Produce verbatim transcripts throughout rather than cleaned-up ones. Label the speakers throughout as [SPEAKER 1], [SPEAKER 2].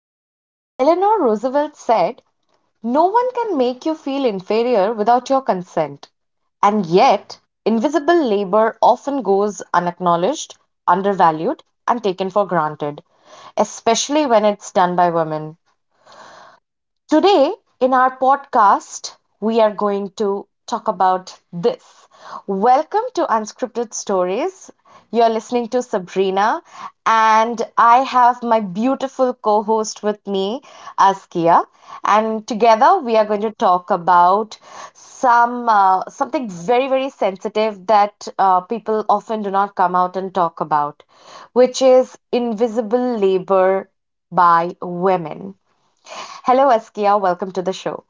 [SPEAKER 1] know, Eleanor Roosevelt said, "No one can make you feel inferior without your consent." And yet, invisible labor often goes unacknowledged, undervalued, and taken for granted, especially when it's done by women. Today, in our podcast, we are going to talk about this. Welcome to Unscripted Stories. You're listening to Sabrina, and I have my beautiful co host with me, Askia. And together, we are going to talk about some uh, something very, very sensitive that uh, people often do not come out and talk about, which is invisible labor by women. Hello, Askia. Welcome to the show.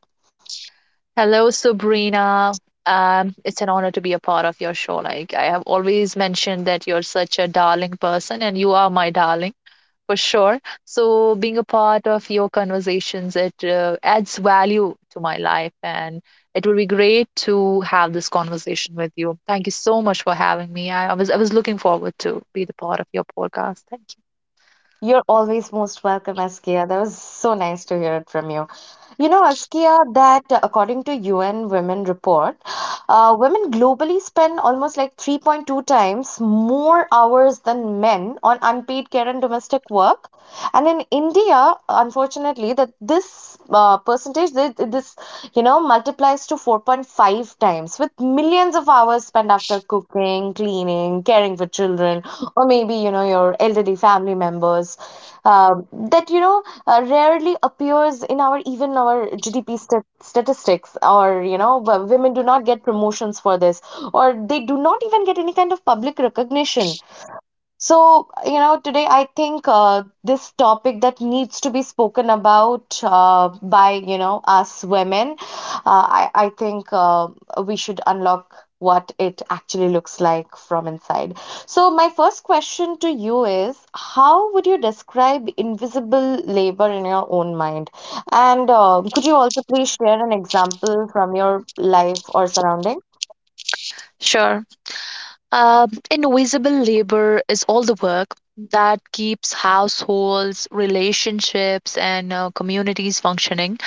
[SPEAKER 2] Hello, Sabrina. Um, it's an honor to be a part of your show. Like I have always mentioned that you're such a darling person, and you are my darling for sure. So being a part of your conversations, it uh, adds value to my life, and it will be great to have this conversation with you. Thank you so much for having me. I, I was I was looking forward to be the part of your podcast. Thank you.
[SPEAKER 1] You're always most welcome, Askia. That was so nice to hear it from you. You know, Askia, that uh, according to U N Women report, uh, women globally spend almost like three point two times more hours than men on unpaid care and domestic work. And in India, unfortunately, that this uh, percentage, this, this, you know, multiplies to four point five times, with millions of hours spent after cooking, cleaning, caring for children, or maybe, you know, your elderly family members, um, that you know uh, rarely appears in our even our G D P st- statistics, or you know w- women do not get promotions for this, or they do not even get any kind of public recognition. So, you know, today I think uh, this topic that needs to be spoken about, uh, by, you know, us women, uh, I, I think uh, we should unlock what it actually looks like from inside. So, my first question to you is, how would you describe invisible labor in your own mind? And uh, could you also please share an example from your life or surrounding?
[SPEAKER 2] Sure. Um, invisible labor is all the work that keeps households, relationships, and uh, communities functioning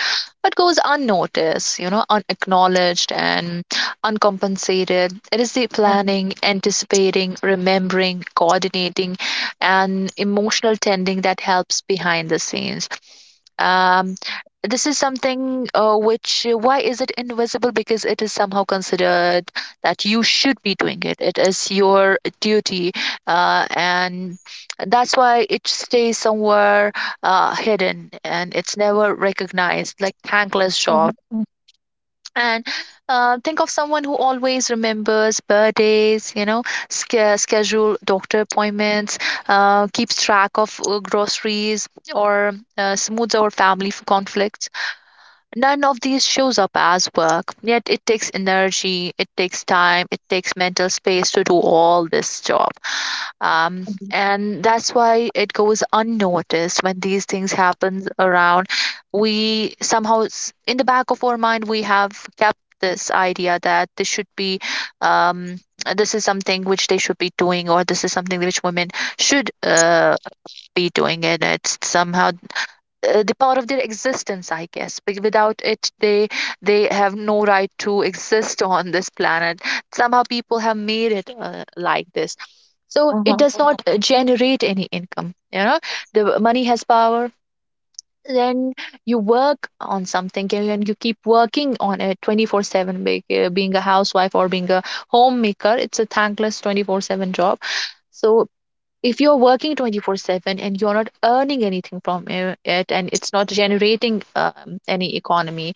[SPEAKER 2] but goes unnoticed, you know, unacknowledged and uncompensated. It is the planning, anticipating, remembering, coordinating, and emotional tending that helps behind the scenes. Um, this is something uh, which uh, Why is it invisible? Because it is somehow considered that you should be doing it, it is your duty uh, and that's why it stays somewhere uh, hidden, and it's never recognized, like thankless job. And uh, think of someone who always remembers birthdays, you know, sch- schedule doctor appointments, uh, keeps track of uh, groceries, or uh, smooths out family f- conflicts. None of these shows up as work, yet it takes energy, it takes time, it takes mental space to do all this job. Um,
[SPEAKER 1] uh
[SPEAKER 2] and that's why it goes unnoticed. When these things happen around, we somehow s- in the back of our mind we have kept this idea that this should be, um, this is something which they should be doing, or this is something which women should uh, be doing. And it's somehow uh, the power of their existence, I guess. Be- without it, they they have no right to exist on this planet. Somehow people have made it uh, like this, so it
[SPEAKER 1] Uh-huh,
[SPEAKER 2] does not uh, generate any income, you know. The money has power. Then you work on something and and you keep working on it twenty-four seven. Being a housewife or being a homemaker, it's a thankless twenty-four seven job. So if you're working twenty-four seven and you're not earning anything from it, and it's not generating um, any economy.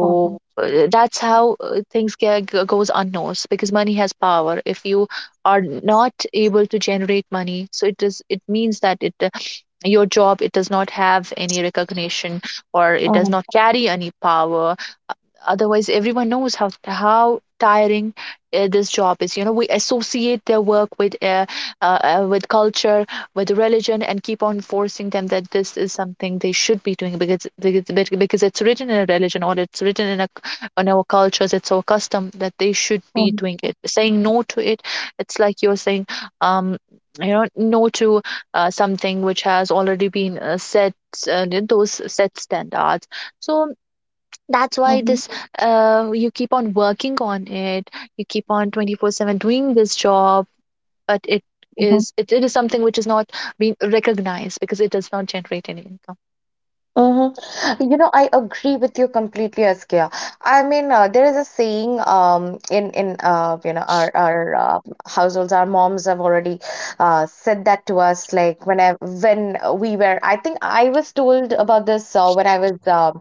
[SPEAKER 1] uh-huh, uh-huh,
[SPEAKER 2] uh, that's how uh, things get, goes unnoticed, because money has power. If you are not able to generate money, so it does, it means that it uh, your job, it does not have any recognition, or it does
[SPEAKER 1] uh-huh,
[SPEAKER 2] not carry any power. Otherwise, everyone knows how how tiring uh, this job is, you know. We associate their work with uh, uh, uh, with culture, with religion, and keep on forcing them that this is something they should be doing, because because because it's written in a religion, or it's written in a on our cultures, it's our custom that they should be doing it. Saying no to it, it's like you're saying, um you know, no to uh, something which has already been uh, set, uh, those set standards. So that's why
[SPEAKER 1] uh-huh,
[SPEAKER 2] this uh, you keep on working on it, you keep on twenty-four seven doing this job, but it
[SPEAKER 1] uh-huh.
[SPEAKER 2] is, it, it is something which is not being recognized, because it does not generate any income.
[SPEAKER 1] Mm-hmm. You know, I agree with you completely, Askia. I mean, uh, there is a saying, um, in in uh, you know our our uh, households, our moms have already uh, said that to us. Like when I when we were, I think I was told about this uh, when I was uh,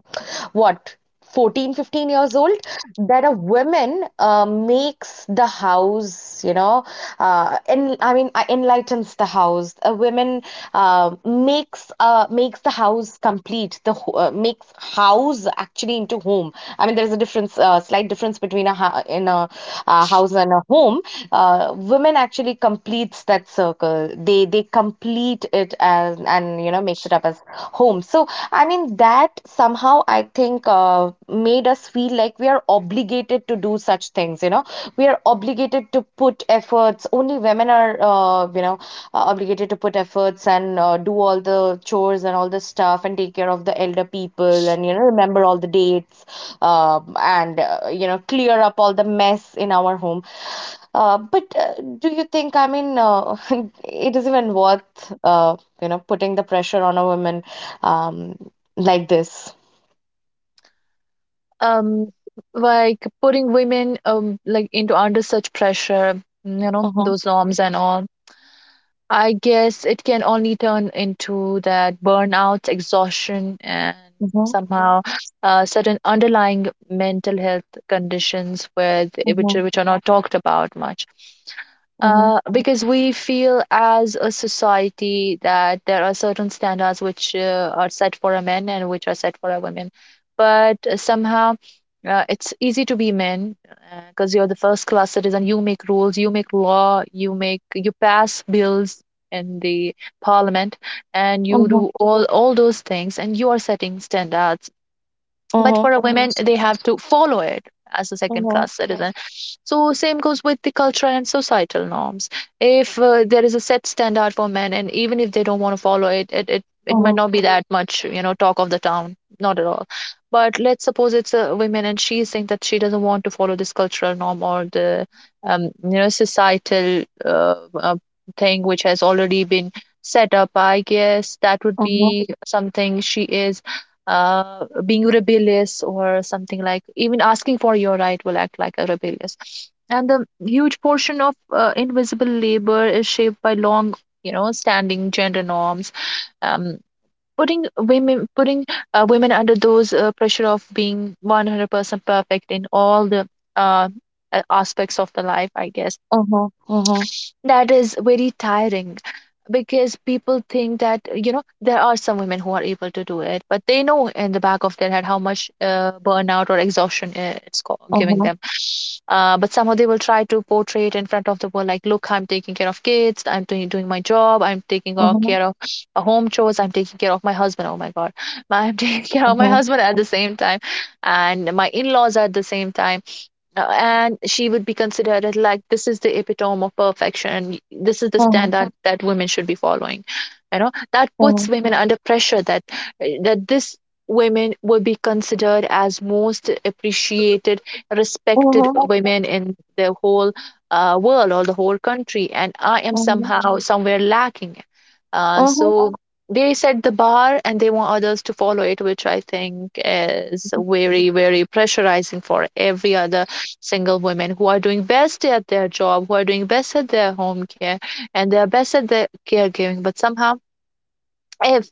[SPEAKER 1] what, fourteen, fifteen years old, that a woman uh, makes the house, you know, uh, en I mean, uh, enlightens the house. A woman uh, makes uh, makes the house house complete, the ho- uh, makes house actually into home. I mean, there is a difference, uh, slight difference between a ha- in a, uh, house and a home. Uh, women actually completes that circle. They they complete it as, and you know makes it up as home. So, I mean, that somehow I think uh, made us feel like we are obligated to do such things things you know we are obligated to put efforts, only women are uh, you know uh, obligated to put efforts, and uh, do all the chores and all the stuff and take care of the elder people, and you know remember all the dates, um and uh, you know clear up all the mess in our home. Uh, but uh, do you think, I mean, uh, it is even worth, uh, you know putting the pressure on a woman, um, like this?
[SPEAKER 2] um like putting women, um like into under such pressure, you know,
[SPEAKER 1] Mhm,
[SPEAKER 2] those norms and all, I guess it can only turn into that burnout, exhaustion, and
[SPEAKER 1] mhm,
[SPEAKER 2] somehow uh, certain underlying mental health conditions where th- which are-
[SPEAKER 1] mhm,
[SPEAKER 2] which are not talked about much.
[SPEAKER 1] mhm,
[SPEAKER 2] Uh, because we feel as a society that there are certain standards which uh, are set for a men and which are set for a women, but uh, somehow uh, it's easy to be men, because you're the first class citizen. You make rules, you make law, you make you pass bills in the parliament, and you
[SPEAKER 1] mhm,
[SPEAKER 2] do all all those things, and you are setting standards. But
[SPEAKER 1] mhm,
[SPEAKER 2] for a women, they have to follow it as a second
[SPEAKER 1] mhm,
[SPEAKER 2] class citizen. So same goes with the cultural and societal norms. If uh, there is a set standard for men, and even if they don't want to follow it, it, it it might
[SPEAKER 1] mhm,
[SPEAKER 2] not be that much, you know, talk of the town, not at all. But let's suppose it's a woman, and she's saying that she doesn't want to follow this cultural norm, or the um, you know, societal uh, uh, thing which has already been set up, I guess that would
[SPEAKER 1] uh-huh,
[SPEAKER 2] be something she is uh, being rebellious or something. Like even asking for your right will act like a rebellious. And the huge portion of uh, invisible labor is shaped by long, you know, standing gender norms, um, putting women, putting uh, women under those uh, pressure of being one hundred percent perfect in all the uh, a- aspects of the life, I guess.
[SPEAKER 1] uh-huh, uh-huh,
[SPEAKER 2] That is very tiring, because people think that, you know, there are some women who are able to do it, but they know in the back of their head how much uh, burnout or exhaustion i- it's co- giving
[SPEAKER 1] uh-huh,
[SPEAKER 2] them. Uh, but somehow they will try to portray it in front of the world like, look, I'm taking care of kids, I'm doing, doing my job, I'm taking o-
[SPEAKER 1] uh-huh,
[SPEAKER 2] care of uh, home chores, I'm taking care of my husband. Oh my God, I'm taking care of my
[SPEAKER 1] uh-huh,
[SPEAKER 2] husband at the same time, and my in laws at the same time. Uh, and she would be considered as like this is the epitome of perfection, this is the
[SPEAKER 1] uh-huh,
[SPEAKER 2] standard that women should be following, you know. That
[SPEAKER 1] uh-huh,
[SPEAKER 2] puts women under pressure that eh, that this women would be considered as most appreciated, respected
[SPEAKER 1] uh-huh,
[SPEAKER 2] women in the whole uh, world or the whole country, and I am
[SPEAKER 1] uh-huh,
[SPEAKER 2] somehow somewhere lacking. Uh,
[SPEAKER 1] uh-huh,
[SPEAKER 2] so they set the bar and they want others to follow it, which I think is very very pressurizing for every other single women who are doing best at their job, who are doing best at their home care, and they are best at their caregiving. But somehow, if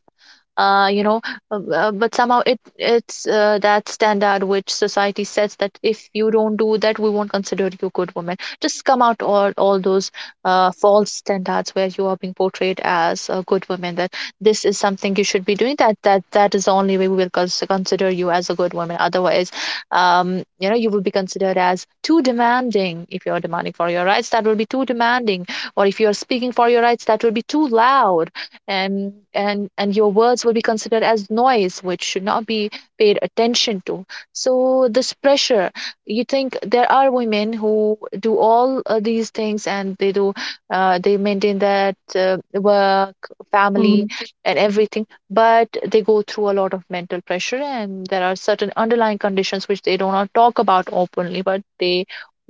[SPEAKER 2] uh, you know uh, uh, but somehow it it's uh, that standard which society sets, that if you don't do that, we won't consider you a good woman. Just come out, all all those uh, false standards where you are being portrayed as a good woman, that this is something you should be doing, that that that is the only way we will cons- consider you as a good woman. Otherwise, um, you know, you will be considered as too demanding. If you're demanding for your rights, that will be too demanding, or if you're speaking for your rights, that will be too loud, and and and your words will be considered as noise, which should not be paid attention to. So this pressure, you think there are women who do all uh, these things, and they do uh, they maintain that uh, work, family,
[SPEAKER 1] mhm,
[SPEAKER 2] and everything, but they go through a lot of mental pressure, and there are certain underlying conditions which they do not talk about openly, but they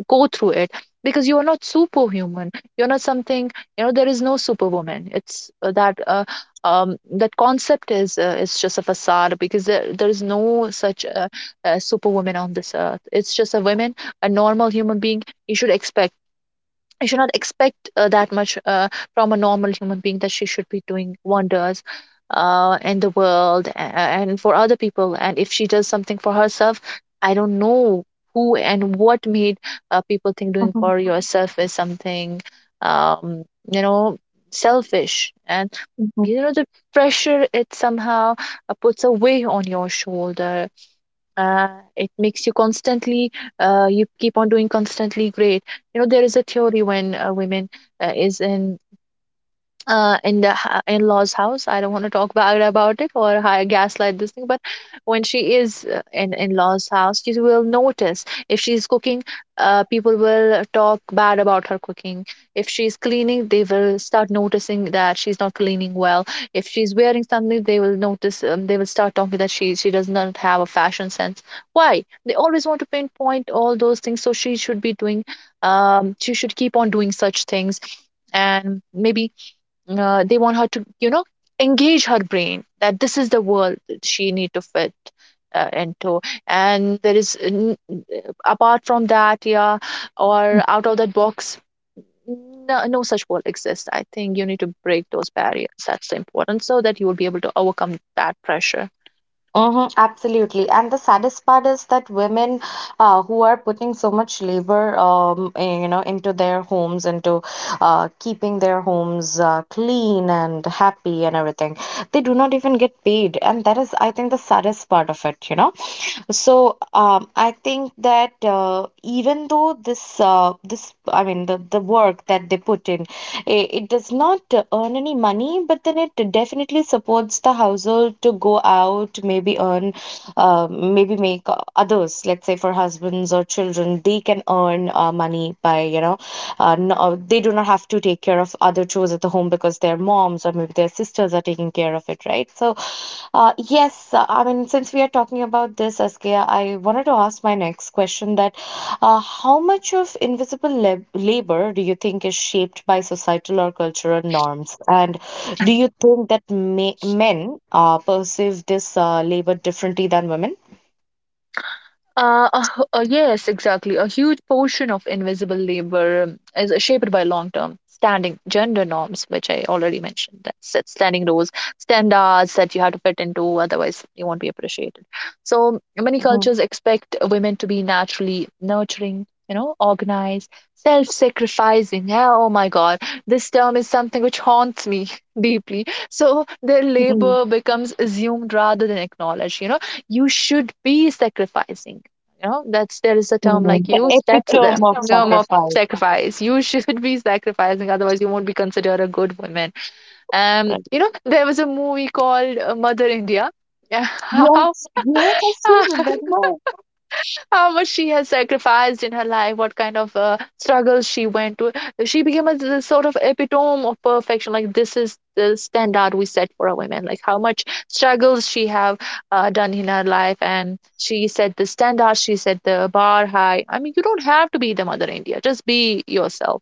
[SPEAKER 2] go through it. Because you are not superhuman, you're not something, you know, there is no superwoman. It's uh, that uh, um, that concept is, uh, it's just a facade, because there, there is no such uh, uh, superwoman on this earth. It's just a woman, a normal human being. You should expect, you should not expect uh, that much uh, from a normal human being, that she should be doing wonders uh, in the world, a- and for other people. And if she does something for herself, I don't know who and what made uh, people think doing
[SPEAKER 1] uh-huh,
[SPEAKER 2] for yourself is something, um, you know, selfish. And,
[SPEAKER 1] mhm.
[SPEAKER 2] you know, the pressure, it somehow uh, puts a weight on your shoulder. uh, it makes you constantly uh, you keep on doing constantly great. You know, there is a theory: when a woman uh, is in uh, in the ha- in-laws house, I don't want to talk bad about it or hi- gaslight this thing, but when she is uh, in in-laws house, she will notice, if she's cooking, uh, people will talk bad about her cooking. If she's cleaning, they will start noticing that she's not cleaning well. If she's wearing something, they will notice, um, they will start talking that she she does not have a fashion sense. Why they always want to pinpoint all those things, so she should be doing, um she should keep on doing such things. And maybe uh, they want her to, you know, engage her brain, that this is the world that she need to fit uh, into, and there is n- apart from that, yeah, or out of that box, no, no such world exists. I think you need to break those barriers, that's important, so that you will be able to overcome that pressure.
[SPEAKER 1] Mhm, absolutely. And the saddest part is that women, uh, who are putting so much labor, um, eh, you know, into their homes, into uh, keeping their homes uh, clean and happy and everything, they do not even get paid. And that is, I think, the saddest part of it, you know. So um, I think that, uh, even though this uh, this, I mean, the the work that they put in, it, it does not uh, earn any money, but then it definitely supports the household to go out, maybe earn, uh, maybe make, uh, others, let's say for husbands or children, they can earn uh, money by, you know, uh, no, they do not have to take care of other chores at the the home because their moms or maybe their sisters are taking care of it, right? So, uh, yes, uh, I mean, since we are talking about this, Askia, I wanted to ask my next question, that uh, how much of invisible lab labor do you think is shaped by societal or cultural norms? And do you think that ma men uh, perceive this uh, labor differently than women?
[SPEAKER 2] Uh, a h- uh, yes, exactly. A huge portion of invisible labor um, is shaped by long-term standing gender norms, which I already mentioned. That's that standing rules, standards that you have to fit into, otherwise you won't be appreciated. So many
[SPEAKER 1] Mhm,
[SPEAKER 2] cultures expect women to be naturally nurturing, you know, organized, self-sacrificing. Yeah. Oh my God, this term is something which haunts me deeply. So their
[SPEAKER 1] mhm,
[SPEAKER 2] labor becomes assumed rather than acknowledged. You know, you should be sacrificing, you know, that's there is a term
[SPEAKER 1] mhm.
[SPEAKER 2] like
[SPEAKER 1] The
[SPEAKER 2] you. That's
[SPEAKER 1] epitome
[SPEAKER 2] the
[SPEAKER 1] of
[SPEAKER 2] term of
[SPEAKER 1] sacrifice.
[SPEAKER 2] sacrifice. You should be sacrificing, otherwise you won't be considered a good woman. Um, you
[SPEAKER 1] Right.
[SPEAKER 2] know, there was a movie called uh, Mother India. How
[SPEAKER 1] Yes, yes, I still remember.
[SPEAKER 2] how much she has sacrificed in her life, what kind of uh, struggles she went to. She became a s- sort of epitome of perfection. Like this is the standard we set for a woman. Like how much struggles she have uh, done in her life, and she set the standard. She set the bar high. I mean, you don't have to be the Mother India. Just be yourself.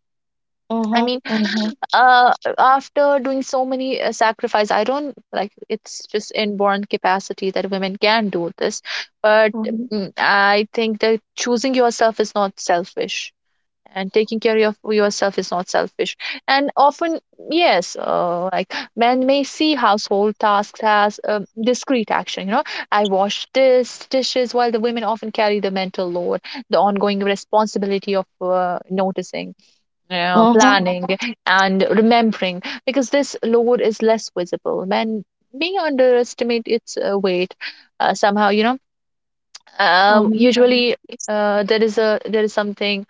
[SPEAKER 2] I
[SPEAKER 1] Mm-hmm,
[SPEAKER 2] mean,
[SPEAKER 1] mm-hmm,
[SPEAKER 2] uh after doing so many uh, sacrifice, I don't, like, it's just inborn capacity that women can do this, but
[SPEAKER 1] mm-hmm,
[SPEAKER 2] mm, I think that choosing yourself is not selfish, and taking care of yourself is not selfish. And often, yes, uh, like men may see household tasks as um, discrete action, you know, I wash this dishes while the women often carry the mental load, the ongoing responsibility of uh, noticing, yeah, planning and remembering, because this load is less visible. Men may underestimate its uh, weight uh,, somehow, you know. Um,
[SPEAKER 1] mm-hmm,
[SPEAKER 2] usually, uh, there is a there is something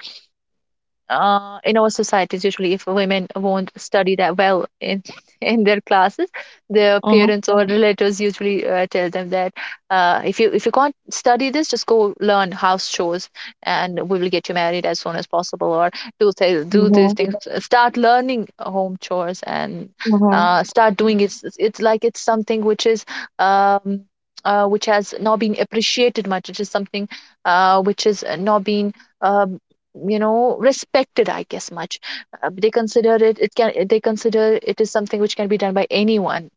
[SPEAKER 2] uh, in our societies, usually if women won't study that well in in their classes, their
[SPEAKER 1] mm-hmm,
[SPEAKER 2] parents or relatives usually uh, tell them that, uh, if you if you can't study this, just go learn house chores, and we will get you married as soon as possible. Or do say, do
[SPEAKER 1] mm-hmm,
[SPEAKER 2] these things, uh, start learning home chores and
[SPEAKER 1] mm-hmm,
[SPEAKER 2] uh, start doing it. It's it's like it's something which is, um, uh, which has not been appreciated much. It is something uh, which is not been, um you know, respected, I guess, much. Uh, they consider it, it can they consider it is something which can be done by anyone.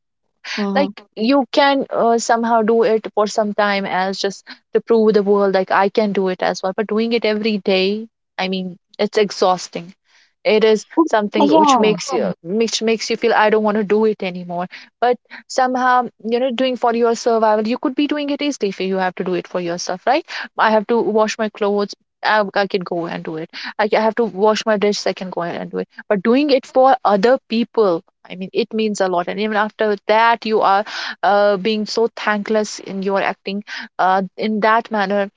[SPEAKER 2] Like,
[SPEAKER 1] mm-hmm.
[SPEAKER 2] you can uh, somehow do it for some time, as just to prove the world like I can do it as well, but doing it every day, I mean, it's exhausting. It is something which
[SPEAKER 1] Yeah.
[SPEAKER 2] makes you, which makes you feel I don't want to do it anymore. But somehow, you know, doing for your survival, you could be doing it easily if you have to do it for yourself, right? I have to wash my clothes, i, I can go and do it. I, I have to wash my dish, I can go and do it, but doing it for other people, I mean, it means a lot. And even after that, you are uh, being so thankless in your acting, uh, in that manner.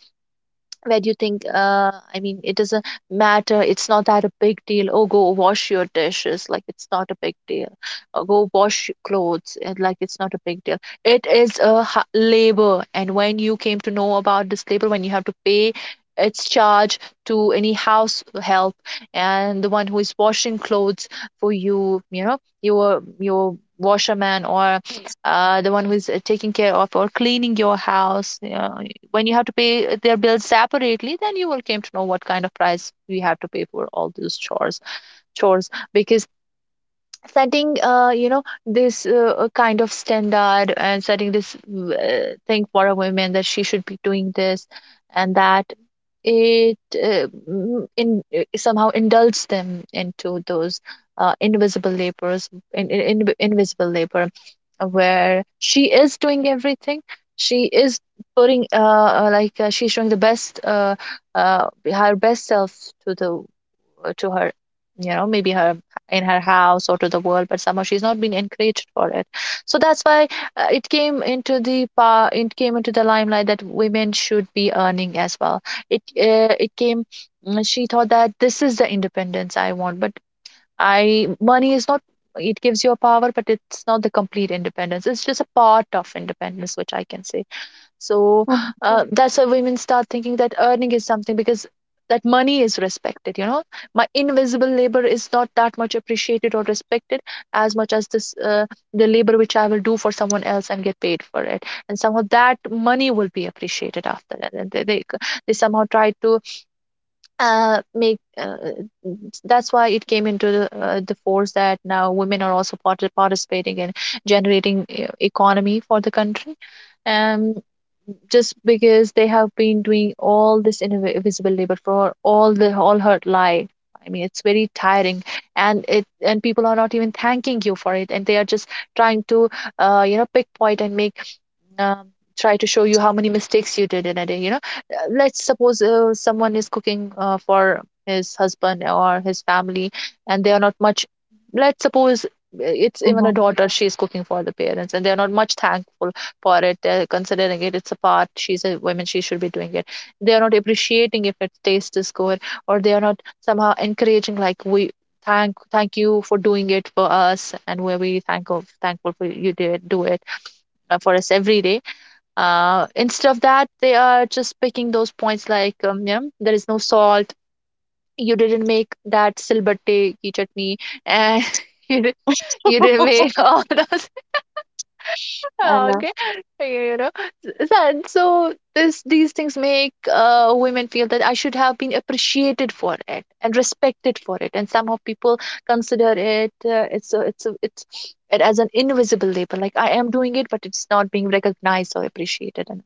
[SPEAKER 2] Where do you think, uh I mean, it doesn't matter, it's not that a big deal, oh go wash your dishes, like it's not a big deal, or go wash your clothes, and like it's not a big deal. It is a ha- labor, and when you came to know about this labor, when you have to pay its charge to any house help, and the one who is washing clothes for you, you know, your your washerman, or uh, the one who is uh, taking care of or cleaning your house, you know, when you have to pay uh, their bills separately, then you will came to know what kind of price we have to pay for all those chores chores. Because setting, uh, you know, this uh, uh, kind of standard, and setting this uh, thing for a woman that she should be doing this and that, it uh, mm, in uh, somehow indulges them into those uh, invisible labors, in, in, in, invisible labor, uh, where she is doing everything. She is putting uh uh, like, uh, she's showing the best, uh, uh her best self, to the, to her, you know, maybe her, in her house or to the world, but somehow she's not been encouraged for it. So that's why uh, it came into the pa- it came into the limelight that women should be earning as well. It uh, it came, mm, she thought that this is the independence I want, but I money is not, it gives you a power, but it's not the complete independence, it's just a part of independence, which I can say. So
[SPEAKER 1] Mm-hmm.
[SPEAKER 2] uh, that's why women start thinking that earning is something, because that money is respected. You know, my invisible labor is not that much appreciated or respected as much as this, uh, the labor which I will do for someone else and get paid for it. And somehow that money will be appreciated after that. And they they, they somehow try to uh, make, uh, that's why it came into the, uh, the force that now women are also part- participating in generating uh, economy for the country, um just because they have been doing all this invi- invisible labor for all the all her life. I mean, it's very tiring, and it and people are not even thanking you for it, and they are just trying to, uh, you know, pickpoint and make, um, try to show you how many mistakes you did in a day, you know. Uh, let's suppose uh, someone is cooking uh, for his husband or his family, and they are not much, let's suppose, uh, it's even a
[SPEAKER 1] Mm-hmm.
[SPEAKER 2] daughter, she's cooking for the parents, and they're not much thankful for it. They're considering it, it's a part, she's a woman, she should be doing it. They are not appreciating if it taste is good, or they are not somehow encouraging, like, we thank thank you for doing it for us, and where we thank of thankful for you did do it uh, for us every day. Uh, instead of that, they are just picking those points like, um, you know, there is no salt. You didn't make that silbatte ki chutney, and you did, you didn't make all those.
[SPEAKER 1] I know.
[SPEAKER 2] Okay, you know, that so this these things make uh, women feel that I should have been appreciated for it and respected for it, and somehow people consider it, uh, it's a, it's a, it's it as an invisible labor. Like, I am doing it, but it's not being recognized or appreciated. And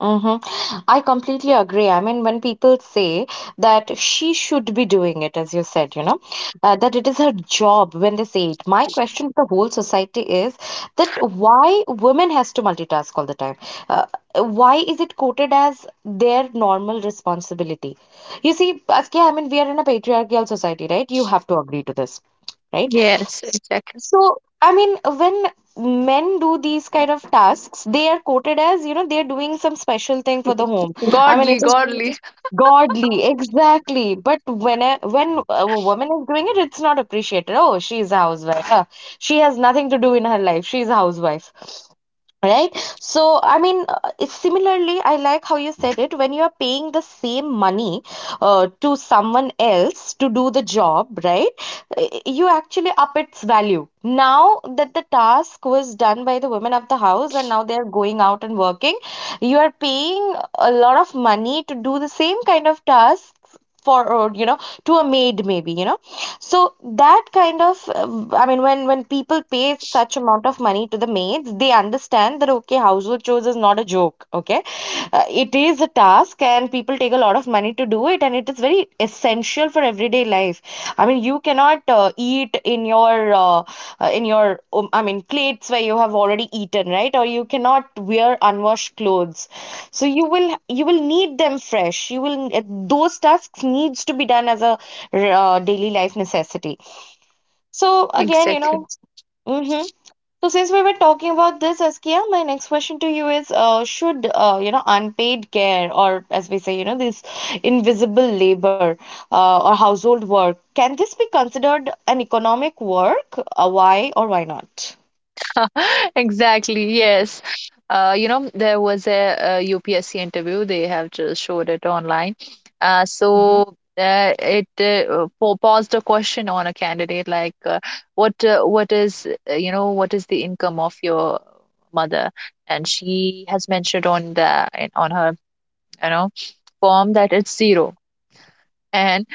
[SPEAKER 1] Mm-hmm. I completely agree. I mean, when people say that she should be doing it, as you said, you know, uh, that it is her job when they say it, my question to the whole society is, that why women has to multitask all the time? Uh, why is it quoted as their normal responsibility? You see, Askia, I mean, we are in a patriarchal society, right? You have to agree to this. Right?
[SPEAKER 2] yes, exactly.
[SPEAKER 1] So, I mean, when men do these kind of tasks, they are quoted as, you know, they're doing some special thing for the home. I mean, it
[SPEAKER 2] Godly,
[SPEAKER 1] is
[SPEAKER 2] godly.
[SPEAKER 1] godly, exactly. But when a, when a woman is doing it, it's not appreciated. Oh, she's a housewife. Huh. She has nothing to do in her life. She's a housewife. Right. So, I mean, uh, it's similarly, I like how you said it. When you are paying the same money, uh, to someone else to do the job, right, i- you actually up its value. Now that the task was done by the women of the house and now they are going out and working, you are paying a lot of money to do the same kind of tasks for, uh, you know, to a maid, maybe, you know. So that kind of, uh, I mean, when when people pay such amount of money to the maids, they understand that, okay, household chores is not a joke. Okay, uh, it is a task, and people take a lot of money to do it, and it is very essential for everyday life. I mean, you cannot uh, eat in your, uh, uh, in your um, I mean, plates where you have already eaten, right? Or you cannot wear unwashed clothes, so you will, you will need them fresh, you will, eh, those tasks needs to be done as a, uh, daily life necessity. So again, you know,
[SPEAKER 2] Exactly.
[SPEAKER 1] hmm, so since we were talking about this, Askia, my next question to you is, uh, should, uh, you know, unpaid care, or, as we say, you know, this invisible labor, uh, or household work, can this be considered an economic work? Uh, why or why not?
[SPEAKER 2] Exactly. Yes. Uh, you know, there was a, U P S C interview. They have just showed it online. Uh,
[SPEAKER 1] Mhm.
[SPEAKER 2] so uh, it uh, po- posed a question on a candidate like, uh, what uh, what is, uh, you know, what is the income of your mother? And she has mentioned on the, on her, you know, form that it's zero. And.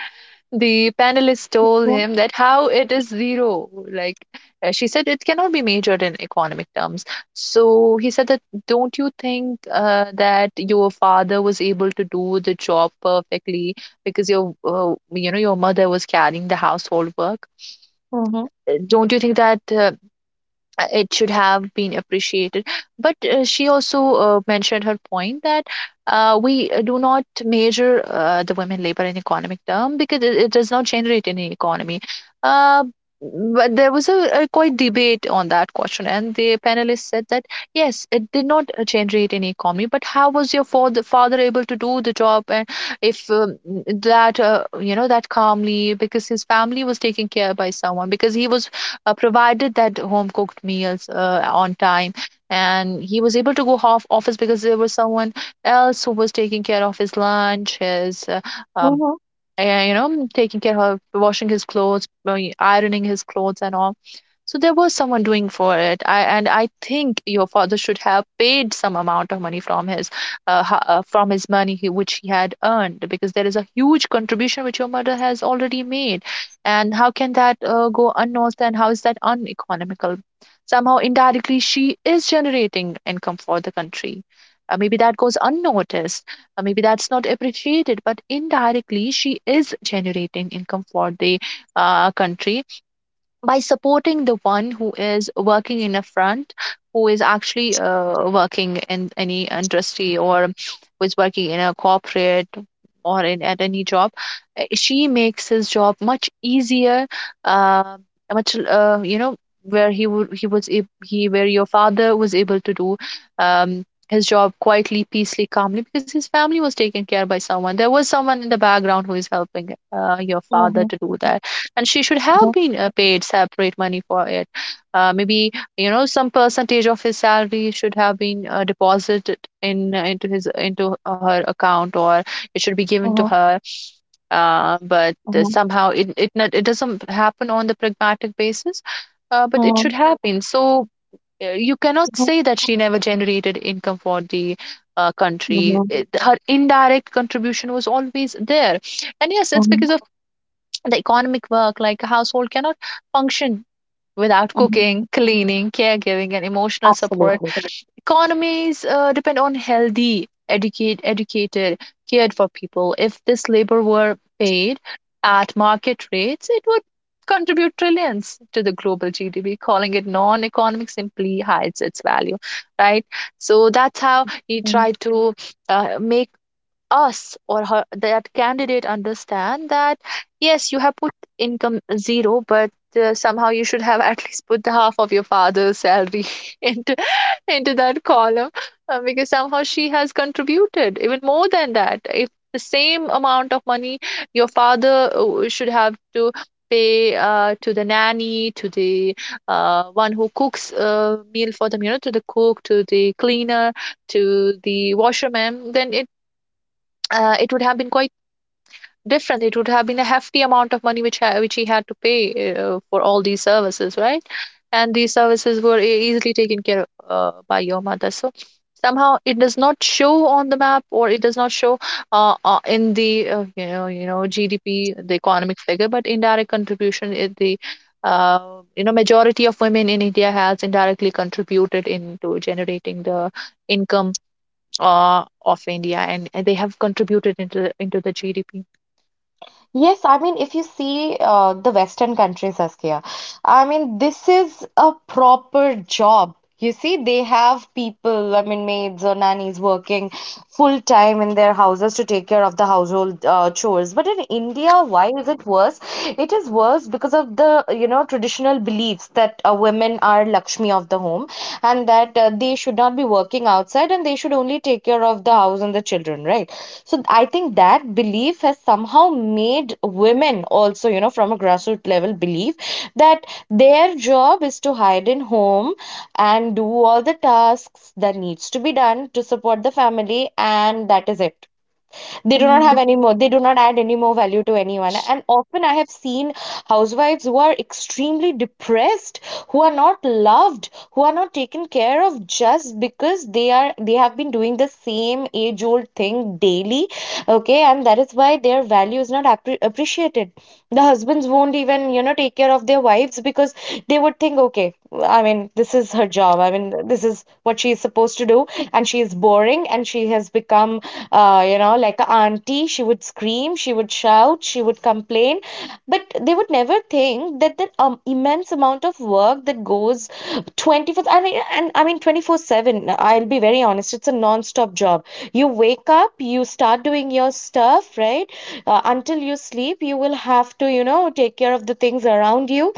[SPEAKER 2] The panelist told
[SPEAKER 1] Yeah.
[SPEAKER 2] him that how it is zero. Like, uh, she said, it cannot be measured in economic terms. So he said that, don't you think uh, that your father was able to do the job perfectly because your, uh, you know, your mother was carrying the household work?
[SPEAKER 1] Mhm.
[SPEAKER 2] Uh, Don't you think that uh, uh, it should have been appreciated? But uh, she also uh, mentioned her point that uh, we uh, do not measure uh, the women labor in economic term, because it, it does not generate any economy uh, but there was a, a quite debate on that question, and the panelists said that, yes, it did not uh, generate any economy, but how was your father, father able to do the job, and if, um, that uh, you know, that calmly, because his family was taken care by someone, because he was uh, provided that home cooked meals uh, on time, and he was able to go off office because there was someone else who was taking care of his lunch, his, uh, um,
[SPEAKER 1] Mhm.
[SPEAKER 2] uh, you know, taking care of washing his clothes, uh, ironing his clothes and all. So there was someone doing for it. I, and I think your father should have paid some amount of money from his uh, ho- uh, from his money he, which he had earned, because there is a huge contribution which your mother has already made. And how can that uh, go unnoticed, and how is that uneconomical? Somehow indirectly she is generating income for the country. Uh, maybe that goes unnoticed, uh, maybe that's not appreciated, but indirectly, she is generating income for the uh, country by supporting the one who is working in a front, who is actually uh, working in any industry, or who is working in a corporate, or in at any job. Uh, she makes his job much easier, uh, much uh, you know where he would he was ab- he where your father was able to do um, his job quietly, peacefully, calmly, because his family was taken care by someone. There was someone in the background who is helping uh, your father
[SPEAKER 1] Mhm.
[SPEAKER 2] to do that, and she should have
[SPEAKER 1] Mhm.
[SPEAKER 2] been uh, paid separate money for it. Uh, maybe, you know, some percentage of his salary should have been uh, deposited in uh, into his into her account, or it should be given to
[SPEAKER 1] Mhm.
[SPEAKER 2] her. Uh, but uh,
[SPEAKER 1] Mhm.
[SPEAKER 2] somehow it it, not, it doesn't happen on the pragmatic basis. Uh, but it should happen. So uh, you cannot
[SPEAKER 1] Mhm.
[SPEAKER 2] say that she never generated income for the uh, country.
[SPEAKER 1] Mhm.
[SPEAKER 2] It, her indirect contribution was always there, and yes, it's
[SPEAKER 1] Mhm,
[SPEAKER 2] because of the economic work, like a household cannot function without
[SPEAKER 1] mhm.
[SPEAKER 2] cooking, cleaning, caregiving and emotional support.
[SPEAKER 1] Absolutely.
[SPEAKER 2] Economies uh, depend on healthy, educate, educated, cared for people. If this labor were paid at market rates, it would contribute trillions to the global G D P. Calling it non-economic simply hides its value, right? So that's how he
[SPEAKER 1] Mhm.
[SPEAKER 2] tried to uh, make us, or her, that candidate, understand that yes, you have put income zero, but uh, somehow you should have at least put the half of your father's salary into into that column, uh, because somehow she has contributed even more than that if the same amount of money your father uh, should have to pay uh, to the nanny, to the uh, one who cooks a meal for them, you know, to the cook, to the cleaner, to the washerman, then it uh, it would have been quite different. It would have been a hefty amount of money which ha- which he had to pay uh, for all these services, right? And these services were e- easily taken care of uh, by your mother. So somehow it does not show on the map, or it does not show uh, uh, in the uh, you know you know G D P, the economic figure, but indirect contribution is the uh, you know majority of women in India has indirectly contributed into generating the income uh, of India, and, and they have contributed into into the G D P.
[SPEAKER 1] Yes, I mean, if you see uh, the Western countries, Saskia, I mean, this is a proper job. You see, they have people, I mean, maids or nannies working full time in their houses to take care of the household uh, chores. But in India, why is it worse? It is worse because of the, you know, traditional beliefs that uh, women are Lakshmi. Lakshmi of the home, and that uh, they should not be working outside, and they should only take care of the house and the children, right? So I think that belief has somehow made women also, you know, from a grassroots level believe that their job is to hide in home and do all the tasks that needs to be done to support the family, and that is it. They do not have
[SPEAKER 2] Mm.
[SPEAKER 1] any more, they do not add any more value to anyone, and often I have seen housewives who are extremely depressed, who are not loved, who are not taken care of, just because they are, they have been doing the same age old thing daily, okay, and that is why their value is not appre- appreciated. The husbands won't even, you know, take care of their wives, because they would think, okay, I mean, this is her job, I mean, this is what she is supposed to do, and she is boring, and she has become uh, you know like a auntie, she would scream, she would shout, she would complain, but they would never, never think that, that um, immense amount of work that goes twenty-four and, and I mean twenty-four seven, I'll be very honest, it's a non-stop job. You wake up, you start doing your stuff, right, uh, until you sleep you will have to, you know, take care of the things around you.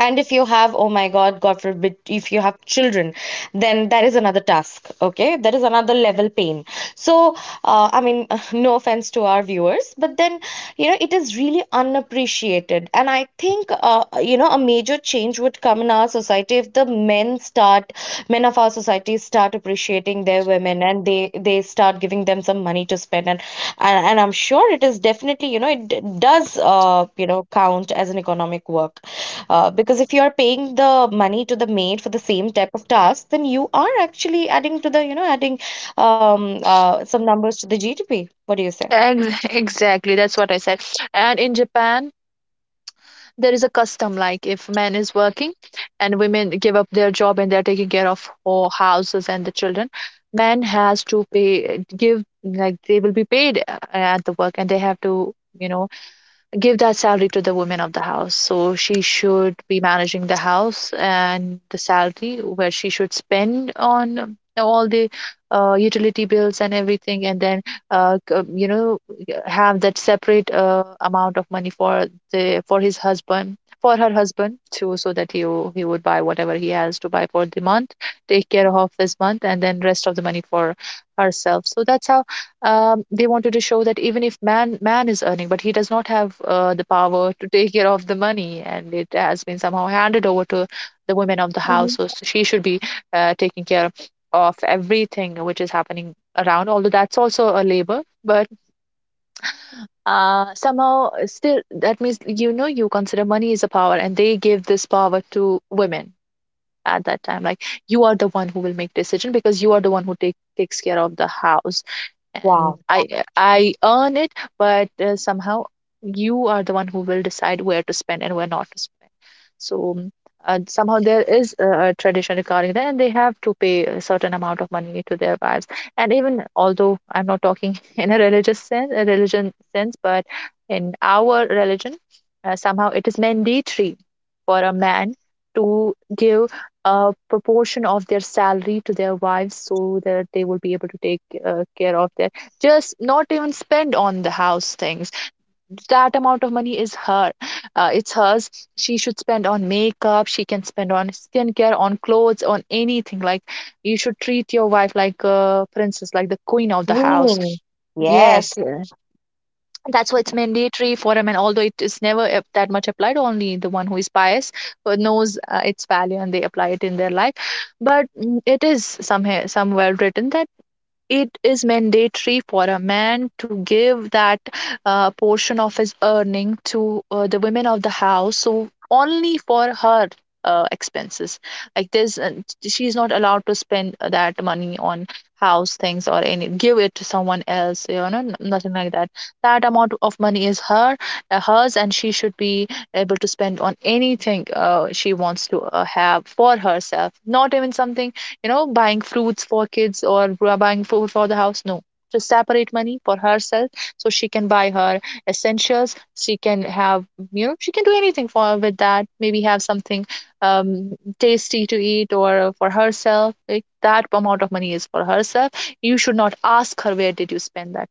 [SPEAKER 1] And if you have, oh my God, God forbid, if you have children, then that is another task. Okay, that is another level pain. So, uh, I mean, no offense to our viewers, but then, you know, it is really unappreciated. And I think, uh, you know, a major change would come in our society if the men start, men of our society start appreciating their women and they they start giving them some money to spend. And and, and I'm sure it is definitely, you know, it d- does, uh, you know, count as an economic work. Uh, because if you are paying the money to the maid for the same type of task, then you are actually adding to the, you know, adding um, uh, some numbers to the G D P. What do you say?
[SPEAKER 2] Ex- Exactly, that's what I said. And in Japan, there is a custom like if man is working and women give up their job and they're taking care of ho- houses and the children, man has to pay give, like, they will be paid uh, at the work, and they have to, you know, give that salary to the woman of the house. So she should be managing the house and the salary where she should spend on all the uh, utility bills and everything, and then uh, c- you know have that separate uh, amount of money for the for his husband for her husband too, so that he w- he would buy whatever he has to buy for the month, take care of his month, and then rest of the money for herself. So that's how um, they wanted to show that even if man man is earning, but he does not have uh, the power to take care of the money, and it has been somehow handed over to the women of the house,
[SPEAKER 1] Mhm.
[SPEAKER 2] so so she should be uh, taking care of everything which is happening around. Although that's also a labor, but uh, somehow still that means, you know, you consider money is a power, and they gave this power to women at that time, like, you are the one who will make decision because you are the one who take, takes care of the house, and
[SPEAKER 1] Wow.
[SPEAKER 2] I I earn it, but uh, somehow you are the one who will decide where to spend and where not to spend. So um, uh, somehow there is a, a tradition regarding that, and they have to pay a certain amount of money to their wives. And even although I'm not talking in a religious sense, a religion sense, but in our religion, uh, somehow it is mandatory for a man to give a proportion of their salary to their wives so that they will be able to take uh, care of that. Just not even spend on the house things. That amount of money is her. Uh, it's hers. She should spend on makeup. She can spend on skincare, on clothes, on anything. Like, you should treat your wife like a princess, like the queen of the house.
[SPEAKER 1] Really?
[SPEAKER 2] Yes.
[SPEAKER 1] Yes.
[SPEAKER 2] Yeah. That's why it's mandatory for a man, although it is never ap- that much applied, only the one who is pious, who knows uh, its value and they apply it in their life. But mm, it is somewhere somewhere written that it is mandatory for a man to give that uh, portion of his earning to uh, the women of the house, so only for her uh, expenses, like this, and she's not allowed to spend that money on house things, or any give it to someone else, you know, n- nothing like that. That amount of money is her, uh, hers, and she should be able to spend on anything uh, she wants to uh, have for herself, not even something, you know, buying fruits for kids or buying food for the house. No, just separate money for herself, so she can buy her essentials. She can have, you know, she can do anything for with that. Maybe have something um, tasty to eat or for herself. Like, that amount of money is for herself. You should not ask her, where did you spend that.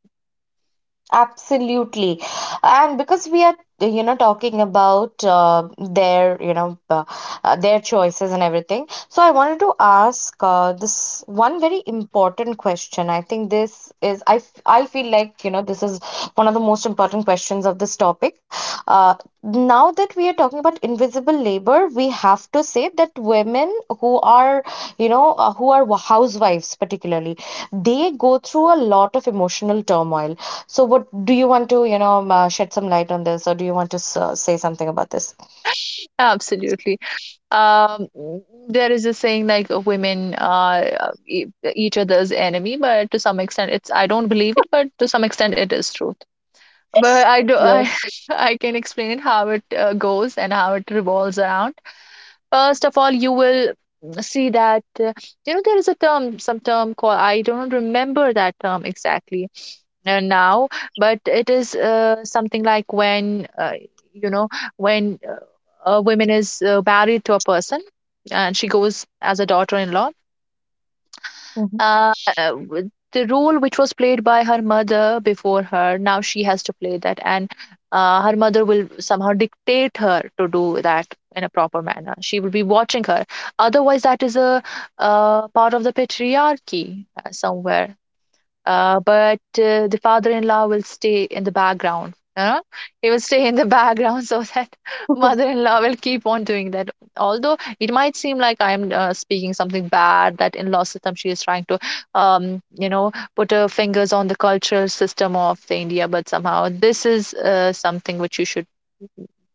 [SPEAKER 1] Absolutely. And because we are, you know, talking about uh, their, you know, uh, uh, their choices and everything. So I wanted to ask uh, this one very important question. I think this is, I, f- I feel like, you know, this is one of the most important questions of this topic. Uh, Now that we are talking about invisible labor, we have to say that women who are, you know, uh, who are housewives particularly, they go through a lot of emotional turmoil. So, what do you want to, you know, um, uh, shed some light on this, or do you want to s uh, say something about this?
[SPEAKER 2] Absolutely. Um, there is a saying like uh, women are uh, e- each other's enemy, but to some extent, it's I don't believe it, but to some extent, it is true. But I do
[SPEAKER 1] Yes.
[SPEAKER 2] I I can explain it how it uh, goes and how it revolves around. First of all, you will see that uh, you know there is a term, some term called, I don't remember that term exactly uh, now, but it is uh, something like when uh, you know when uh, a woman is uh, married to a person, and she goes as a daughter-in-law
[SPEAKER 1] Mm-hmm.
[SPEAKER 2] uh, with the role which was played by her mother before her. Now she has to play that, and uh, her mother will somehow dictate her to do that in a proper manner. She will be watching her, otherwise that is a uh, part of the patriarchy uh, somewhere. Uh, but uh, the father-in-law will stay in the background, you know, he will stay in the background, so that mother-in-law will keep on doing that. Although it might seem like I'm uh, speaking something bad, that in-law system, she is trying to um you know put her fingers on the cultural system of the India, but somehow this is uh, something which you should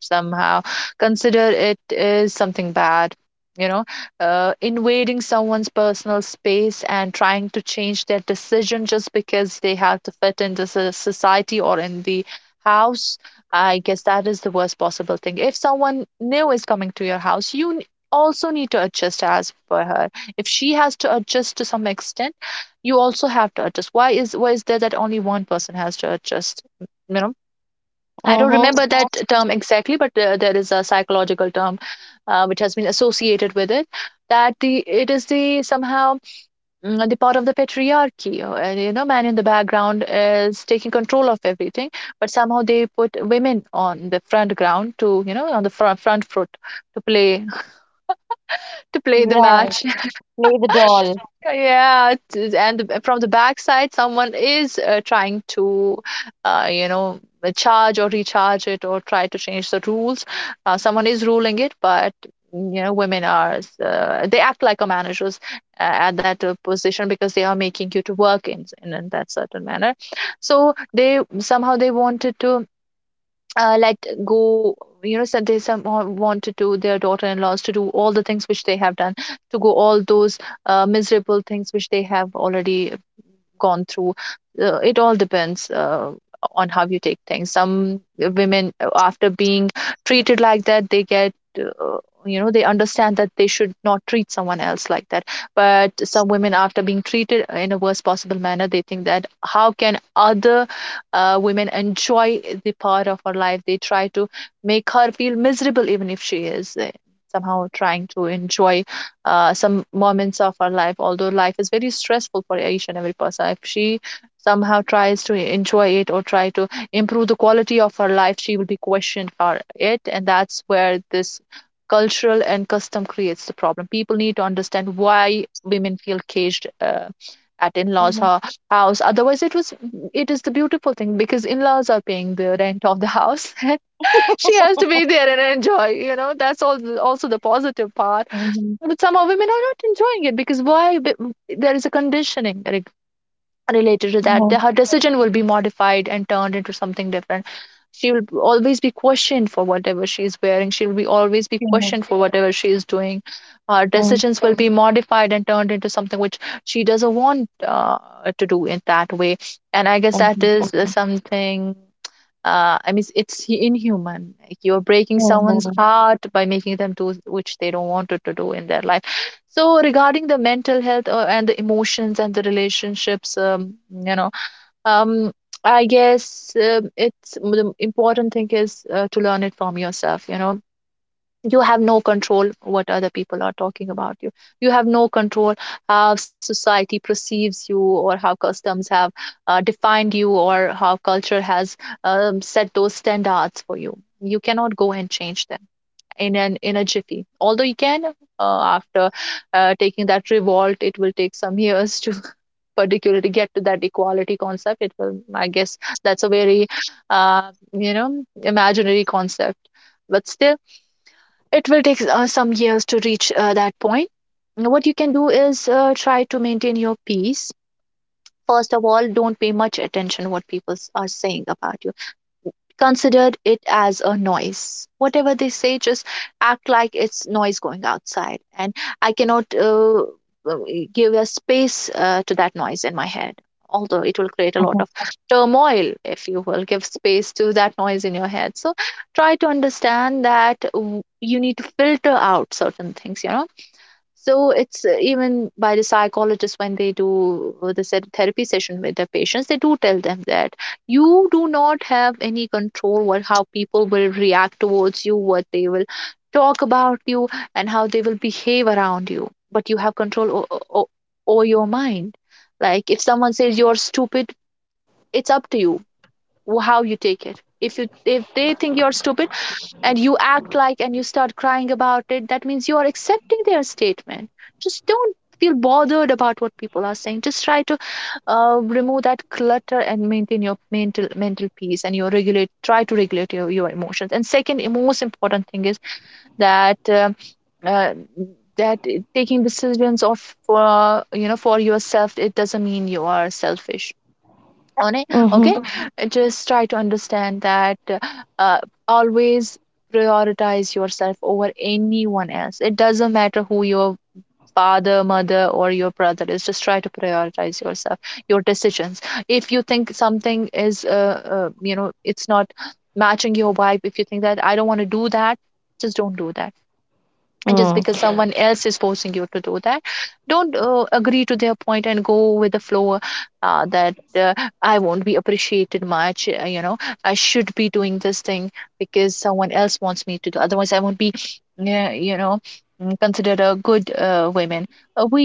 [SPEAKER 2] somehow consider it is something bad, you know, uh, invading someone's personal space and trying to change their decision, just because they have to fit into so, society or in the house. I guess that is the worst possible thing. If someone new is coming to your house, you n- also need to adjust as per her. If she has to adjust to some extent, you also have to adjust. Why is why is there that only one person has to adjust? You know, I don't remember
[SPEAKER 1] Mm-hmm.
[SPEAKER 2] that term exactly, but uh, there is a psychological term uh, which has been associated with it. That the It is the somehow mm, the part of the patriarchy. Uh, you know, man in the background is taking control of everything, but somehow they put women on the front ground to, you know, on the front front foot to play to play the
[SPEAKER 1] Right.
[SPEAKER 2] match.
[SPEAKER 1] Play the doll.
[SPEAKER 2] Yeah, it is- and the- from the backside, someone is uh, trying to, uh, you know, uh, charge or recharge it, or try to change the rules. Uh, someone is ruling it, but mm, you know, women are s- uh, they act like a managers uh, at that uh, position because they are making you to work in, in in that certain manner. So they somehow they wanted to uh, let go, you know, said they some uh, want to do their daughter-in-laws to do all the things which they have done, to go all those uh, miserable things which they have already gone through. Uh, it all depends uh, on how you take things. Some women, uh, after being treated like that, they get. Uh, you know, they understand that they should not treat someone else like that, but some women, after being treated in a worst possible manner, they think that how can other uh, women enjoy the part of her life. They try to make her feel miserable even if she is uh, somehow trying to enjoy uh, some moments of our life. Although life is very stressful for each and every person, if she somehow tries to enjoy it or try to improve the quality of her life, she will be questioned for it. And that's where this cultural and custom creates the problem. People need to understand why women feel caged uh, at in-laws
[SPEAKER 1] Mm-hmm.
[SPEAKER 2] ho- house. Otherwise, it was it is the beautiful thing because in-laws are paying the rent of the house and she has to be there and enjoy, you know. That's all also the positive part.
[SPEAKER 1] Mm-hmm.
[SPEAKER 2] But some women are not enjoying it because why? Be- There is a conditioning re- related to that. The-
[SPEAKER 1] Mm-hmm.
[SPEAKER 2] Her decision will be modified and turned into something different. She will always be questioned for whatever she is wearing. She will be always be
[SPEAKER 1] Mm-hmm.
[SPEAKER 2] questioned for whatever she is doing. Her decisions will be modified and turned into something which she doesn't want uh, to do in that way. And I guess that
[SPEAKER 1] Mm-hmm.
[SPEAKER 2] is uh, something, uh, I mean, it's inhuman. Like, you're breaking someone's
[SPEAKER 1] Mm-hmm.
[SPEAKER 2] heart by making them do which they don't want to do in their life. So, regarding the mental health uh, and the emotions and the relationships, um, you know, um, I guess um it's, the important thing is uh, to learn it from yourself. You know, you have no control what other people are talking about you. You have no control how society perceives you or how customs have uh, defined you or how culture has um, set those standards for you. You cannot go and change them in an in a jiffy. Although you can, uh, after uh, taking that revolt, it will take some years to particularly get to that equality concept. It will, I guess, that's a very uh, you know, imaginary concept, but still it will take uh, some years to reach uh, that point. What you can do is uh, try to maintain your peace. First of all, don't pay much attention what people are saying about you. Considered it as a noise. Whatever they say, just act like it's noise going outside, and I cannot uh, uh, give a space uh, to that noise in my head. Although it will create a lot of turmoil if you will give space to that noise in your head. So try to understand that w- you need to filter out certain things, you know. So it's uh, even by the psychologists, when they do uh, the se- therapy session with their patients, they do tell them that you do not have any control what, how people will react towards you, what they will talk about you, and how they will behave around you. But you have control o- o- over your mind. Like, if someone says you're stupid, it's up to you wh- how you take it. If you, if they think you're stupid, and you act like, and you start crying about it, that means you are accepting their statement. Just don't feel bothered about what people are saying. Just try to uh, remove that clutter and maintain your mental mental peace and your regulate. Try to regulate your, your emotions. And second most important thing is that. um uh, that taking decisions of, for, you know, for yourself, it doesn't mean you are selfish on it.
[SPEAKER 1] Mm-hmm.
[SPEAKER 2] Okay. Mhm. Uh, just try to understand that uh, always prioritize yourself over anyone else. It doesn't matter who your father, mother or your brother is. Just try to prioritize yourself, your decisions. If you think something is uh, uh, you know, it's not matching your vibe, if you think that I don't want to do that, just don't do that. And just because, Mm,
[SPEAKER 1] Mm-hmm.
[SPEAKER 2] someone else is forcing you to do that, don't uh, agree to their point and go with the flow. Uh, that uh, I won't be appreciated much, uh, you know, I should be doing this thing because someone else wants me to, do otherwise I won't be, yeah, you know, mm, considered a good uh, woman. Uh, we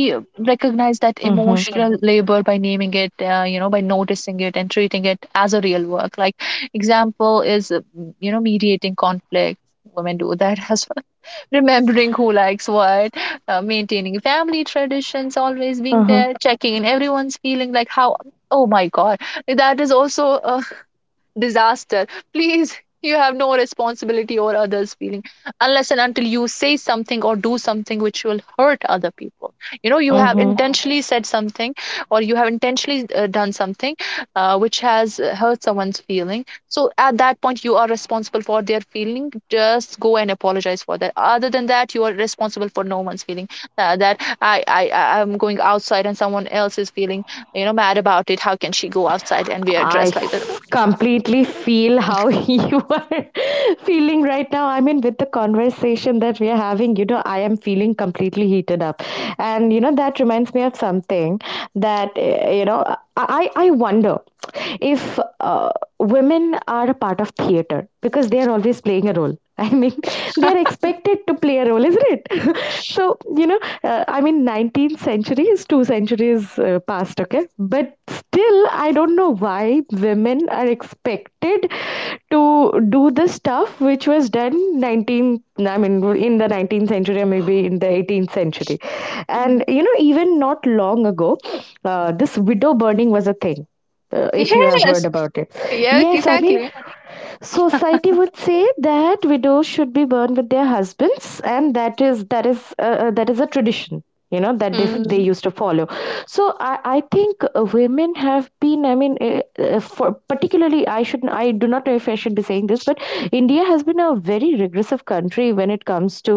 [SPEAKER 2] recognize that, Mm, emotional labor by naming it, uh, you know, by noticing it and treating it as a real work. Like, example is, uh, you know, mediating conflict. Women do that as well. Remembering who likes what, uh, maintaining family traditions, always being
[SPEAKER 1] Mm-hmm.
[SPEAKER 2] there, checking in everyone's feeling, like, how. Oh my God, that is also uh, disaster. Please, you have no responsibility or others' feeling unless and until you say something or do something which will hurt other people. You know, you have
[SPEAKER 1] Mm-hmm.
[SPEAKER 2] intentionally said something, or you have intentionally uh, done something uh, which has uh, hurt someone's feeling. So at that point, you are responsible for their feeling. Just go and apologize for that. Other than that, you are responsible for no one's feeling. Uh, that I, I, I- am going outside and someone else is feeling, you know, mad about it. How can she go outside and we are
[SPEAKER 1] I
[SPEAKER 2] dressed like that?
[SPEAKER 1] f- completely feel how you are feeling right now. I mean, with the conversation that we are having, you know, I am feeling completely heated up. And, you know, that reminds me of something that, eh, you know, I, I I wonder if uh, women are a part of theater because they are always playing a role. I mean, they are expected to play a role, isn't it? So, you know, uh, I mean, nineteenth century is two centuries uh, past, okay? But still, I don't know why women are expected to do the stuff which was done nineteenth I mean, in the nineteenth century or maybe in the eighteenth century. And, you know, even not long ago, uh, this widow burning was a thing. Uh, if you have heard
[SPEAKER 2] Yes.
[SPEAKER 1] about it.
[SPEAKER 2] Yes,
[SPEAKER 1] Yes, I mean,
[SPEAKER 2] exactly.
[SPEAKER 1] society would say that widows should be burned with their husbands, and that is that is uh, uh, that is a tradition, you know, that they,
[SPEAKER 2] Mm,
[SPEAKER 1] they used to follow. So i, I think uh, women have been, I mean, uh, uh, for particularly i should I do not know if I should be saying this, but India has been a very regressive country when it comes to,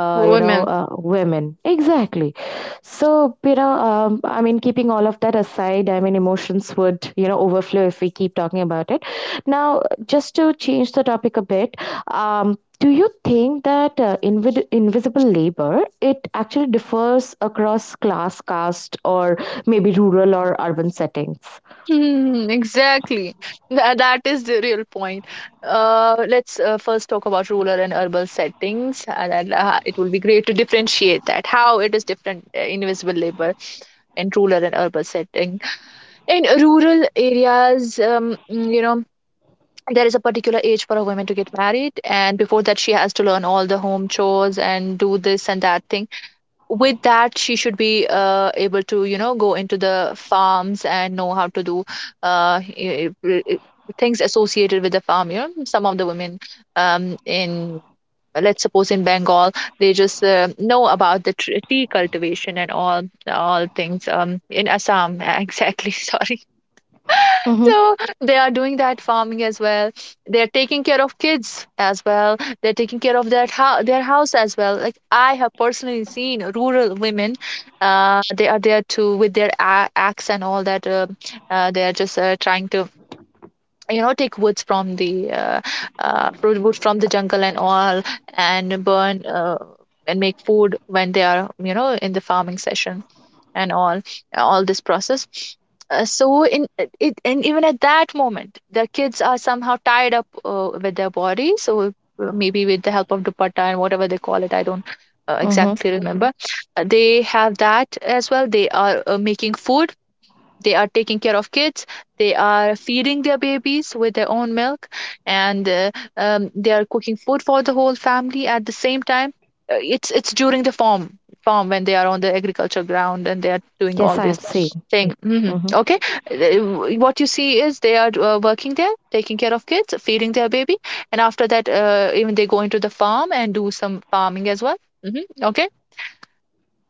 [SPEAKER 1] uh, you know,
[SPEAKER 2] women.
[SPEAKER 1] uh, women exactly. So you know, um, I mean, keeping all of that aside, I mean, emotions would, you know, overflow if we keep talking about it. Now just to change the topic a bit, um, do you think that uh, invid- invisible labor it actually differs across class, caste, or maybe rural or urban settings?
[SPEAKER 2] Mm, exactly. Tha- that is the real point. Uh, let's uh, first talk about rural and urban settings, and and, uh, it will be great to differentiate that how it is different, uh, invisible labor in rural and urban setting. In rural areas, um, mm, you know, there is a particular age for a woman to get married, and before that, she has to learn all the home chores and do this and that thing. With that, she should be uh, able to, you know, go into the farms and know how to do uh, i- i- i- things associated with the farm, you know. Some of the women, um, in, let's suppose, in Bengal, they just uh, know about the tr- tea cultivation and all all things, um, in Assam, exactly, sorry.
[SPEAKER 1] Mm-hmm.
[SPEAKER 2] So they are doing that farming as well. They're taking care of kids as well. They're taking care of their house, their house as well. Like, I have personally seen rural women. Uh, they are there too with their a- axe and all that. Uh, uh, they are just uh, trying to, you know, take woods from the uh, uh, fruit wood from the jungle and all, and burn uh, and make food when they are, you know, in the farming session and all all this process. Uh, so in it And even at that moment, the kids are somehow tied up uh, with their body, so uh, maybe with the help of dupatta and whatever they call it, I don't uh,
[SPEAKER 1] Mm-hmm.
[SPEAKER 2] exactly remember. Uh, they have that as well. They are uh, making food, they are taking care of kids. They are feeding their babies with their own milk, and uh, um, they are cooking food for the whole family at the same time. Uh, It's it's during the farm farm when they are on the agriculture ground and they are doing
[SPEAKER 1] Yes,
[SPEAKER 2] all
[SPEAKER 1] I have
[SPEAKER 2] this
[SPEAKER 1] seen.
[SPEAKER 2] thing. Hmm.
[SPEAKER 1] Mm-hmm.
[SPEAKER 2] Okay. Uh, what you see is they are uh, working there, taking care of kids, feeding their baby, and after that, uh, even they go into the farm and do some farming as well. Hmm. Okay.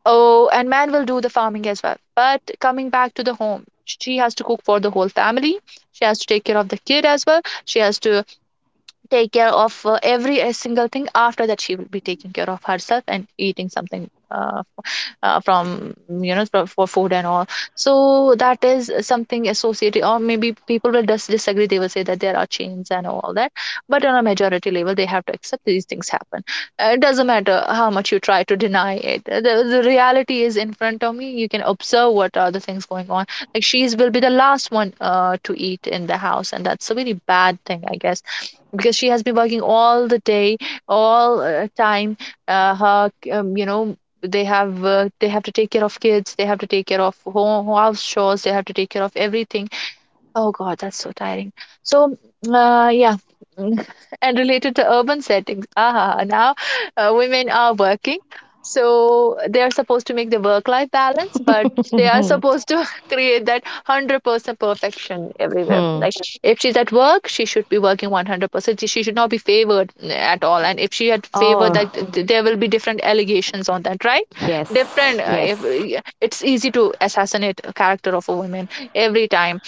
[SPEAKER 2] Oh, and man will do the farming as well. But coming back to the home, she has to cook for the whole family. She has to take care of the kid as well. She has to take care of uh, every uh, single thing. After that, she will be taking care of herself and eating something, uh, uh, from, you know, for, for food and all. So that is something associated. Or maybe people will just disagree, they will say that there are chains and all that, but on a majority level, they have to accept these things happen. Uh, it doesn't matter how much you try to deny it. Uh, the, the reality is in front of me. You can observe what are the things going on. Like, she's will be the last one uh, to eat in the house, and that's a very bad thing, I guess, because she has been working all the day, all uh, time. Uh, her um, You know, they have, uh, they have to take care of kids, they have to take care of home, house chores, they have to take care of everything. Oh God, that's so tiring. So, uh, yeah, mm, and related to urban settings. Ah, now uh, women are working, so they are supposed to make the work-life balance, but they are supposed to create that a hundred percent perfection everywhere.
[SPEAKER 1] Hmm.
[SPEAKER 2] Like, if she's at work, she should be working a hundred percent. She should not be favored, mm, at all. And if she had favored,
[SPEAKER 1] Oh,
[SPEAKER 2] that th- there will be different allegations on that, right?
[SPEAKER 1] yes,
[SPEAKER 2] Different. Uh, if,
[SPEAKER 1] yes.
[SPEAKER 2] eh, It's easy to assassinate a character of a woman every time.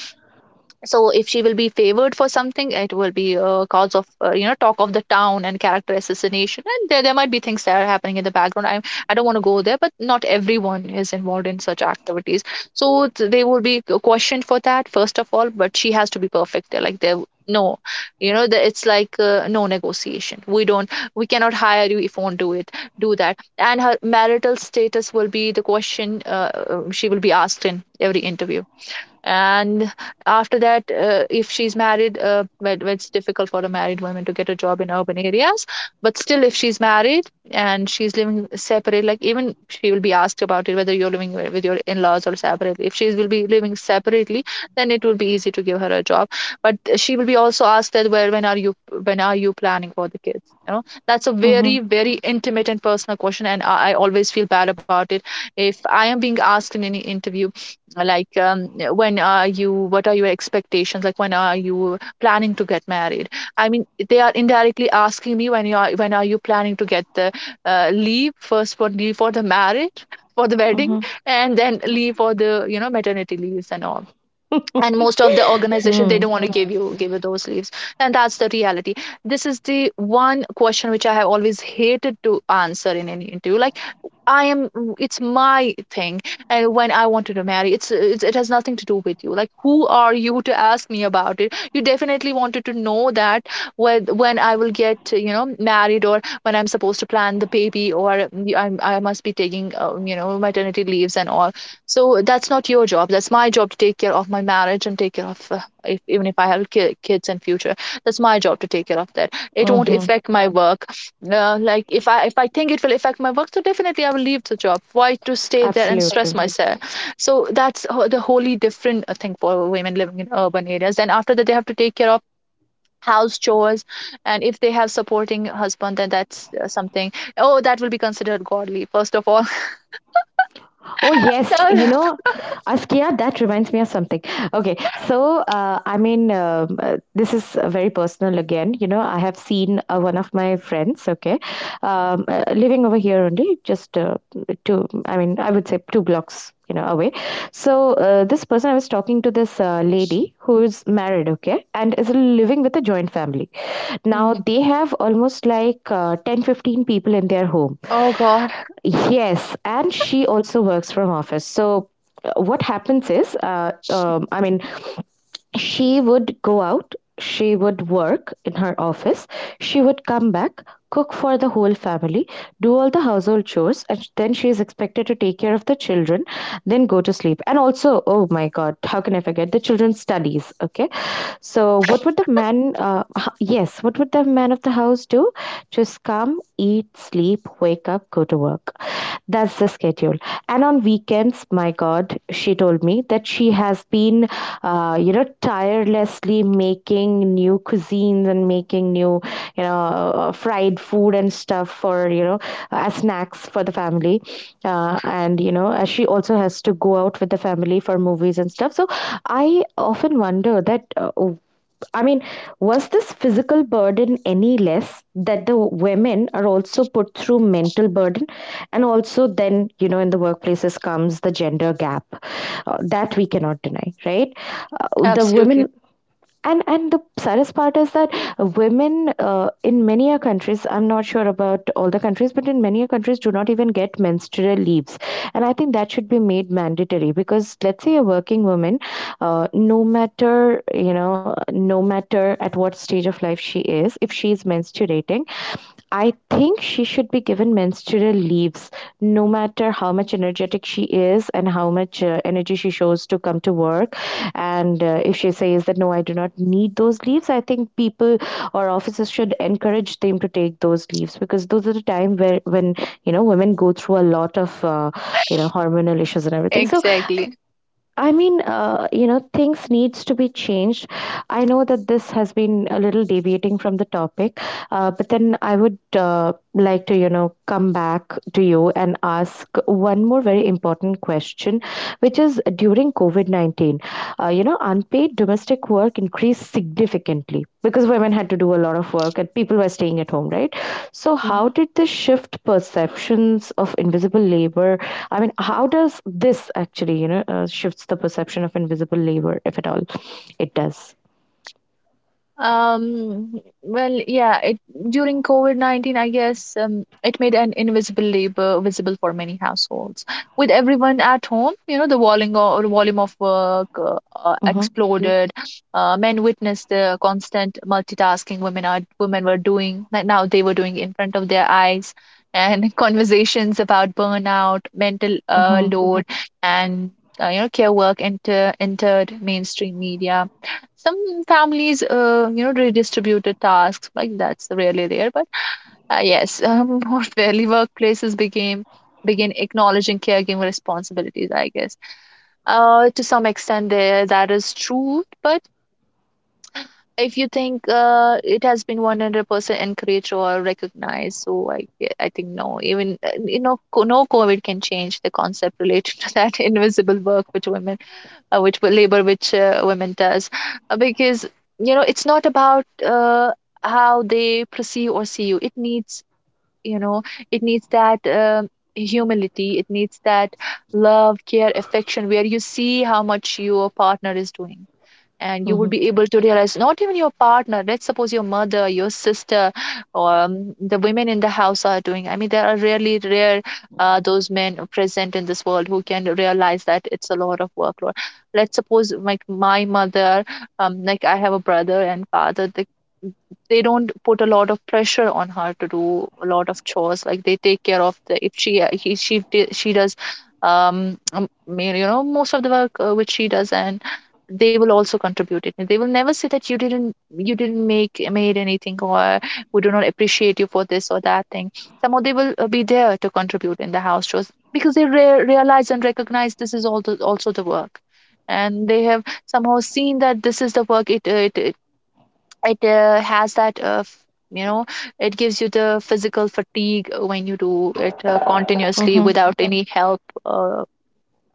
[SPEAKER 2] So if she will be favored for something, it will be a cause of uh, you know talk of the town and character assassination. And there, there might be things that are happening in the background. I i don't want to go there, but not everyone is involved in such activities. So th- they will be questioned for that first of all, but she has to be perfect. They're like, "There, no." you know the, it's like uh, no negotiation. We don't we cannot hire you if you won't do it do that. And her marital status will be the question. Uh, uh, she will be asked in every interview. And after that, uh, if she's married, uh, well, well, it's difficult for a married woman to get a job in urban areas. But still, if she's married and she's living separate, like, even she will be asked about it, whether you're living with your in-laws or separately. If she will be living separately, then it will be easy to give her a job. But she will be also asked that, well, when are you when are you planning for the kids? You know that's a
[SPEAKER 1] Mm-hmm.
[SPEAKER 2] very very intimate and personal question, and i, I always feel bad about it if I am being asked in any interview, like, um, when are you what are your expectations, like when are you planning to get married? I mean, they are indirectly asking me, when you are when are you planning to get the uh, leave first for leave for the marriage, for the wedding, and then leave for the, you know maternity leaves and all.
[SPEAKER 1] Mm-hmm.
[SPEAKER 2] And most of the organization, they don't want to give you give you those leaves. And that's the reality. This is the one question which I have always hated to answer in any interview. Like, I am it's my thing, and when I wanted to marry, it's, it's it has nothing to do with you. Like, who are you to ask me about it? You definitely wanted to know that, when when I will get, you know married, or when I'm supposed to plan the baby, or mm, I'm, I must be taking um, you know maternity leaves and all. So that's not your job, that's my job to take care of my marriage and take care of, uh, if, even if I have ki- kids in future, that's my job to take care of that. It won't
[SPEAKER 1] Mm-hmm.
[SPEAKER 2] affect my work. Uh, like, if I if I think it will affect my work, so definitely I will leave the job. Why to stay there and stress
[SPEAKER 1] Absolutely.
[SPEAKER 2] myself? So that's ho- the wholly different uh, thing for women living in urban areas. Then after that, they have to take care of house chores, and if they have supporting husband, then that's uh, something. Oh, that will be considered godly. First of all,
[SPEAKER 1] Oh yes, you
[SPEAKER 2] So-
[SPEAKER 1] know, Askia, that reminds me of something. Okay, so uh, I mean, um, uh, this is uh, very personal again. You know, I have seen uh, one of my friends. Okay, um, uh, living over here only, just uh, two. I mean, I would say two blocks. You know, away. So uh, this person, I was talking to this uh, lady who is married. Okay, and is living with a joint family. Now
[SPEAKER 2] Mhm.
[SPEAKER 1] they have almost like uh, ten, fifteen people in their home.
[SPEAKER 2] Oh God.
[SPEAKER 1] Yes, and she also works from office. So uh, what happens is, uh, um, I mean, she would go out, she would work in her office, she would come back, cook for the whole family, do all the household chores, and sh- then she is expected to take care of the children, then go to sleep. And also, oh my God, how can I forget the children's studies? Okay, so what would the man? Uh, h- yes, what would the man of the house do? Just come, eat, sleep, wake up, go to work. That's the schedule. And on weekends, my God, she told me that she has been, uh, you know, tirelessly making new cuisines and making new, you know, uh, fried food and stuff for, you know, uh, as snacks for the family. Uh, and, you know, uh, she also has to go out with the family for movies and stuff. So I often wonder that uh, I mean, was this physical burden any less that the women are also put through mental burden? And also, then, you know, in the workplaces comes the gender gap, uh, that we cannot deny, right? Uh, the
[SPEAKER 2] Absolutely.
[SPEAKER 1] women, and and the saddest part is that women uh, in many a countries, I'm not sure about all the countries, but in many a countries do not even get menstrual leaves. And I think that should be made mandatory, because let's say a working woman, uh, no matter, you know, no matter at what stage of life she is, if she is menstruating, I think she should be given menstrual leaves, no matter how much energetic she is and how much uh, energy she shows to come to work. And uh, if she says that, no, I do not need those leaves, I think people or offices should encourage them to take those leaves, because those are the time where when, you know, women go through a lot of, uh, you know, hormonal issues and everything. So
[SPEAKER 2] Exactly.
[SPEAKER 1] I mean, uh, you know, things needs to be changed. I know that this has been a little deviating from the topic, uh, but then I would uh, like to, you know, come back to you and ask one more very important question, which is during COVID nineteen, uh, you know, unpaid domestic work increased significantly because women had to do a lot of work and people were staying at home, right? So, how did this shift perceptions of invisible labor? I mean, how does this actually, you know, uh, shifts the perception of invisible labor, if at all it does?
[SPEAKER 2] Um, well, yeah, it during COVID nineteen, I guess, um, it made an invisible labor visible for many households. With everyone at home, you know, the volume of, volume of work uh, uh, Mm.
[SPEAKER 1] Mm-hmm,
[SPEAKER 2] exploded. Uh, men witnessed the constant multitasking women are women were doing, that now they were doing in front of their eyes, and conversations about burnout, mental, uh,
[SPEAKER 1] mm-hmm,
[SPEAKER 2] mhm, load, and uh, you know, care work enter entered mainstream media. Some families, uh, you know, redistributed tasks, like, that's really rare, but uh, yes, um, more fairly, workplaces became begin acknowledging caregiving responsibilities, I guess. Uh, to some extent, there that is true, but if you think uh, it has been one hundred percent encouraged or recognized, so i g- i think no. Even uh, you know co- no covid can change the concept related to that invisible work which women uh, which wo- labor which uh, women does. Uh, because, you know, it's not about uh, how they perceive or see you. It needs, you know, it needs that um humility. It needs that love, care, affection, where you see how much your partner is doing, and you will
[SPEAKER 1] mm-hmm,
[SPEAKER 2] be able to realize. Not even your partner, let's suppose your mother, your sister, or um, the women in the house are doing. I mean, there are really rare, uh, those men present in this world who can realize that it's a lot of workload. Let's suppose, like my mother. Um, like, I have a brother and father, they, they don't put a lot of pressure on her to do a lot of chores. Like, they take care of the, if she uh, he, she d- she does um um, you know most of the work uh, which she does, and they will also contribute it. They will never say that you didn't you didn't make made anything, or we do not appreciate you for this or that thing. Somehow they will uh, be there to contribute in the house chores, because they re- realize and recognize this is also also the work. And they have somehow seen that this is the work. It uh, it it, it uh, has that. Uh, f- you know it gives you the physical fatigue when you do it uh, continuously
[SPEAKER 1] mm-hmm,
[SPEAKER 2] without any help uh,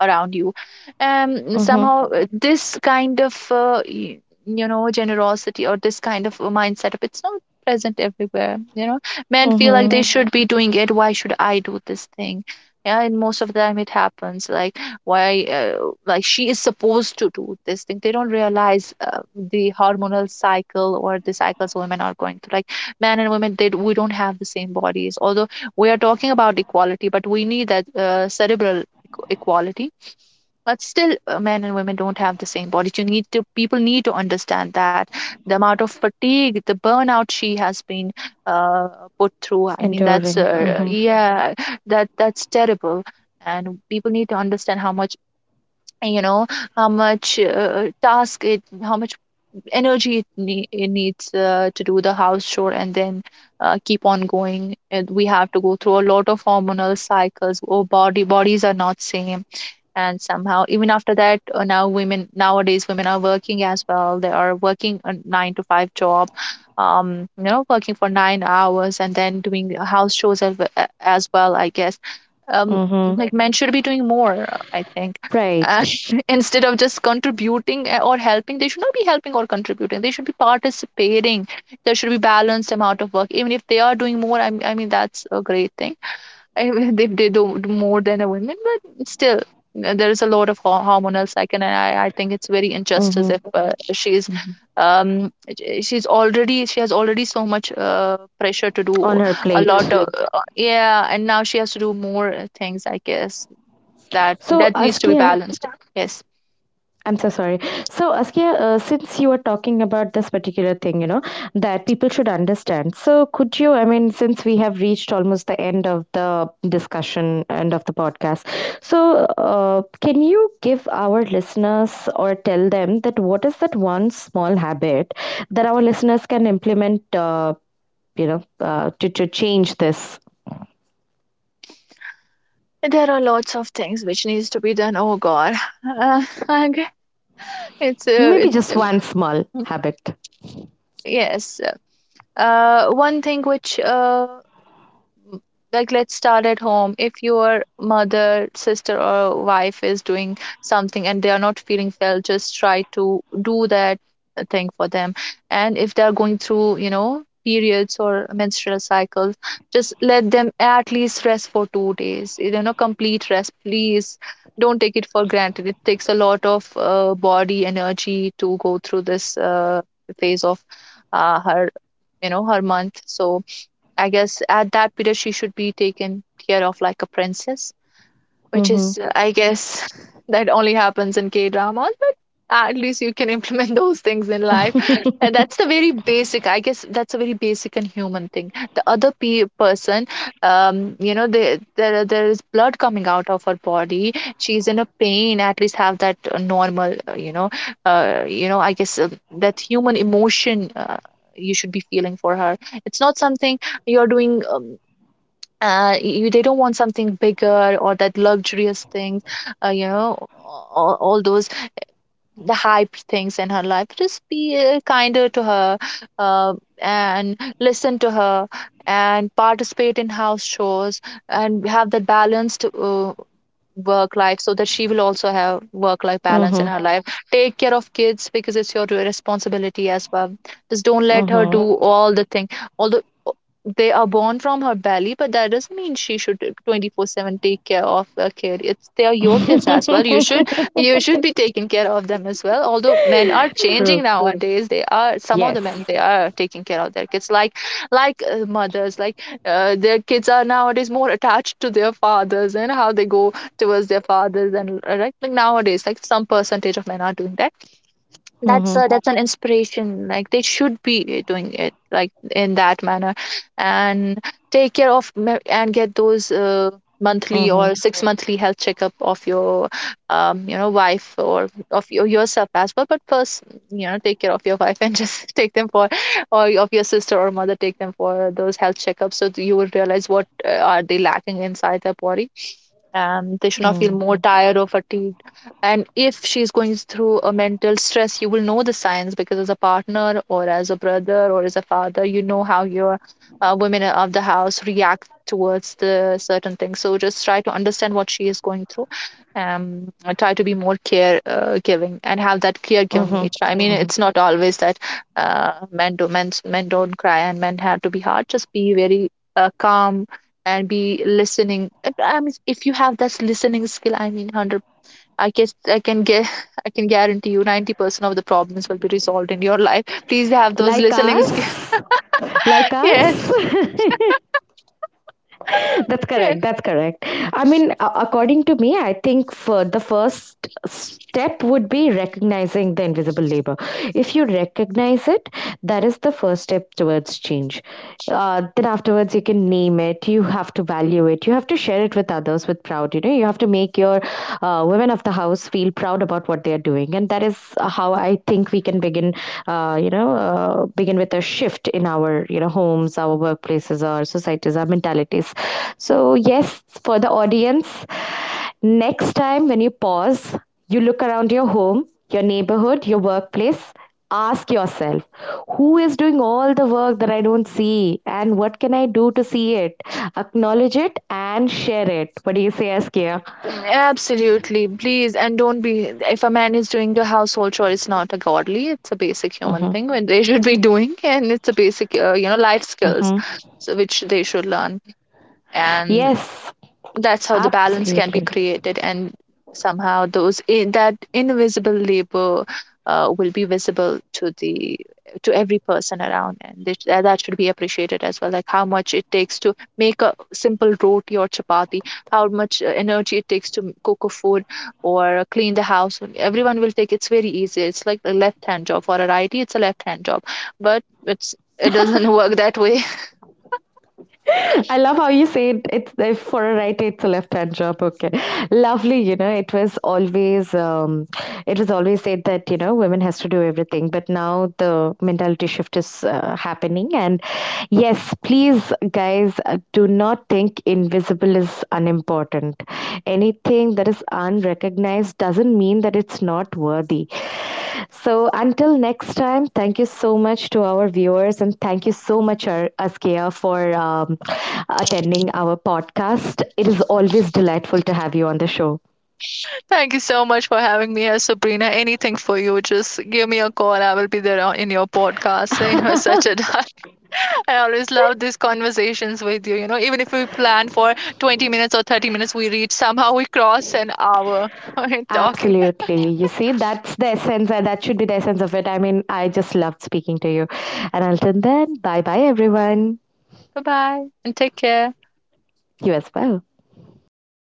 [SPEAKER 2] around you. Um
[SPEAKER 1] mm-hmm,
[SPEAKER 2] somehow uh, this kind of uh, y- you know generosity, or this kind of a mind setup, it's not present everywhere. You know, men feel like
[SPEAKER 1] mm-hmm.
[SPEAKER 2] they should be doing it. Why should I do this thing? Yeah, and most of the time it happens like, why uh, like, she is supposed to do this thing. They don't realize uh, the hormonal cycle or the cycles women are going through. Like, men and women, they we don't have the same bodies. Although we are talking about equality, but we need that uh, cerebral equ- equality. But still, uh, men and women don't have the same bodies. You need to People need to understand that the amount of fatigue, the burnout she has been uh, put through. I mean, that's
[SPEAKER 1] Enduring.
[SPEAKER 2] uh,
[SPEAKER 1] Mm-hmm,
[SPEAKER 2] yeah, that that's terrible. And people need to understand how much, you know, how much uh, task it, how much energy it, nee- it needs uh, to do the house chore, and then uh, keep on going, and we have to go through a lot of hormonal cycles. Our body bodies are not same. And somehow even after that, uh, now women nowadays women are working as well. They are working a nine to five job. um you know, working for nine hours and then doing house chores as, we- as well, I guess. um
[SPEAKER 1] mm-hmm.
[SPEAKER 2] like, men should be doing more, I think, uh,
[SPEAKER 1] Right.
[SPEAKER 2] instead of just contributing, uh, or helping. They should not be helping or contributing, they should be participating. There should be balanced amount of work. Even if they are doing more, i, m- I mean, that's a great thing. I mean, they they do more than a women, but still, uh, there is a lot of ho- hormonal cycle, and I, I think it's very injustice
[SPEAKER 1] Mm-hmm,
[SPEAKER 2] if, uh, she's,
[SPEAKER 1] mm-hmm.
[SPEAKER 2] um j- she's already she has already so much uh, pressure to do
[SPEAKER 1] On her
[SPEAKER 2] a
[SPEAKER 1] plate.
[SPEAKER 2] lot of. Absolutely. Uh, yeah, and now she has to do more uh, things. I guess that
[SPEAKER 1] So,
[SPEAKER 2] that needs to be
[SPEAKER 1] Askia,
[SPEAKER 2] balanced. Yes.
[SPEAKER 1] I'm so sorry. So, Askia, uh, since you were talking about this particular thing, you know, that people should understand. So, could you, I mean, since we have reached almost the end of the discussion, end of the podcast, so uh, can you give our listeners or tell them that what is that one small habit that our listeners can implement, uh, you know, uh, to, to change this?
[SPEAKER 2] There are lots of things which needs to be done. Oh God, uh, okay. it's uh,
[SPEAKER 1] Maybe
[SPEAKER 2] it
[SPEAKER 1] just
[SPEAKER 2] um,
[SPEAKER 1] one small habit.
[SPEAKER 2] yes. Uh, one thing which, uh, like, let's start at home. If your mother, sister, or wife is doing something and they are not feeling well, just try to do that uh, thing for them. And if they are going through, you know, periods or menstrual cycles, just let them at least rest for two days. You know, complete rest, please. Don't take it for granted. It takes a lot of uh, body energy to go through this uh, phase of, uh, her, you know her month. So I guess at that period she should be taken care of like a princess, which
[SPEAKER 1] Mm-hmm.
[SPEAKER 2] is, I guess, that only happens in K dramas. At least you can implement those things in life, and that's the very basic, I guess. That's a very basic and human thing. The other pe- person, um you know, they, there there is blood coming out of her body, she's in a pain. At least have that uh, normal, uh, you know uh, you know I guess, uh, that human emotion, uh, you should be feeling for her. It's not something you're doing. Um, uh, you, they don't want something bigger or that luxurious thing. uh, you know all, all those the hype things in her life, just be uh, kinder to her, uh, and listen to her, and participate in house shows, and have that balanced uh, work life, so that she will also have work life balance
[SPEAKER 1] Mm-hmm.
[SPEAKER 2] in her life. Take care of kids, because it's your responsibility as well. Just don't let her do all the thing. Although, uh, they are born from her belly, but that doesn't mean she should twenty four seven take care of a kid. It's They are your kids as well. You should
[SPEAKER 1] Mm-hmm.
[SPEAKER 2] You should be taking care of them as well. Although men are changing
[SPEAKER 1] True.
[SPEAKER 2] nowadays, they are some of the men,
[SPEAKER 1] Yes.
[SPEAKER 2] they are taking care of their kids, like like uh, mothers. Like, uh, their kids are nowadays more attached to their fathers, and how they go towards their fathers. And uh, right, like, nowadays, like, some percentage of men are doing that. That's
[SPEAKER 1] Mhm.
[SPEAKER 2] uh, that's an inspiration, like they should be doing it like in that manner. And take care of me- and get those uh, monthly
[SPEAKER 1] Mhm.
[SPEAKER 2] or six monthly health checkup of your, um you know wife, or of your, yourself as well. But first, you know, take care of your wife, and just take them for or of your sister or mother, take them for those health checkups, so that you would realize what uh, are they lacking inside their body. Um, they should not feel more
[SPEAKER 1] Mhm.
[SPEAKER 2] tired or fatigued. And if she's going through a mental stress, you will know the signs, because as a partner or as a brother or as a father, you know how your uh, women of the house react towards the certain things. So just try to understand what she is going through, um, and try to be more care uh, giving, and have that care giving
[SPEAKER 1] Mhm.
[SPEAKER 2] nature. I mean,
[SPEAKER 1] Mhm.
[SPEAKER 2] it's not always that uh, men do men men don't cry and men have to be hard. Just be very uh, calm, and be listening. I I mean, if you have that listening skill, I mean, hundred, I guess, I can get, I can guarantee you, ninety percent of the problems will be resolved in your life. Please have those
[SPEAKER 1] Like
[SPEAKER 2] listening skills.
[SPEAKER 1] us. Like
[SPEAKER 2] Yes.
[SPEAKER 1] us. That's
[SPEAKER 2] Yes.
[SPEAKER 1] correct. That's correct. I mean, a- according to me, I think for the first step would be recognizing the invisible labor. If you recognize it, that is the first step towards change. Uh, then afterwards, you can name it. You have to value it. You have to share it with others with proud. You know, you have to make your uh, women of the house feel proud about what they are doing, and that is how I think we can begin, uh, uh, you know, uh, begin with a shift in our, you know, homes, our workplaces, our societies, our mentalities. So, yes, for the audience, next time when you pause, you look around your home, your neighborhood, your workplace, ask yourself, who is doing all the work that I don't see and what can I do to see it? Acknowledge it and share it. What do you say, Askia?
[SPEAKER 2] Mm, absolutely. Please, and don't be. If a man is doing a household chore, it's not a godly. It's a basic human
[SPEAKER 1] Mm-hmm.
[SPEAKER 2] thing when they should be doing, and it's a basic, uh, you know, life skills,
[SPEAKER 1] Mm-hmm.
[SPEAKER 2] so which they should learn. And
[SPEAKER 1] Yes,
[SPEAKER 2] that's how the balance can be
[SPEAKER 1] absolutely.
[SPEAKER 2] created, and somehow those i- that invisible labor uh, will be visible to the to every person around. And they, that that should be appreciated as well, like how much it takes to make a simple roti or chapati, how much uh, energy it takes to m- cook a food, or clean the house. Everyone will take, it's very easy, it's like a left hand job for a righty, it's a left hand job. But it's it doesn't work that way.
[SPEAKER 1] I love how you said it's if for a right it's a left hand job. Okay, lovely. You know, it was always, um, it was always said that, you know, women has to do everything, but now the mentality shift is uh, happening. And yes, please, guys, uh, do not think invisible is unimportant. Anything that is unrecognized doesn't mean that it's not worthy. So until next time, thank you so much to our viewers and thank you so much, Ar- Askia, for um, attending our podcast. It is always delightful to have you on the show.
[SPEAKER 2] Thank you so much for having me here, Sabrina. Anything for you, just give me a call. I will be there on- in your podcast. You are such a dot. I always love these conversations with you. You know, even if we plan for twenty minutes or thirty minutes, we reach, somehow we cross an hour in talking.
[SPEAKER 1] Absolutely. You see, that's the essence, and that should be the essence of it. I mean, I just loved speaking to you. And until then, bye bye, everyone.
[SPEAKER 2] Bye bye and take care.
[SPEAKER 1] You as well.
[SPEAKER 2] Bye.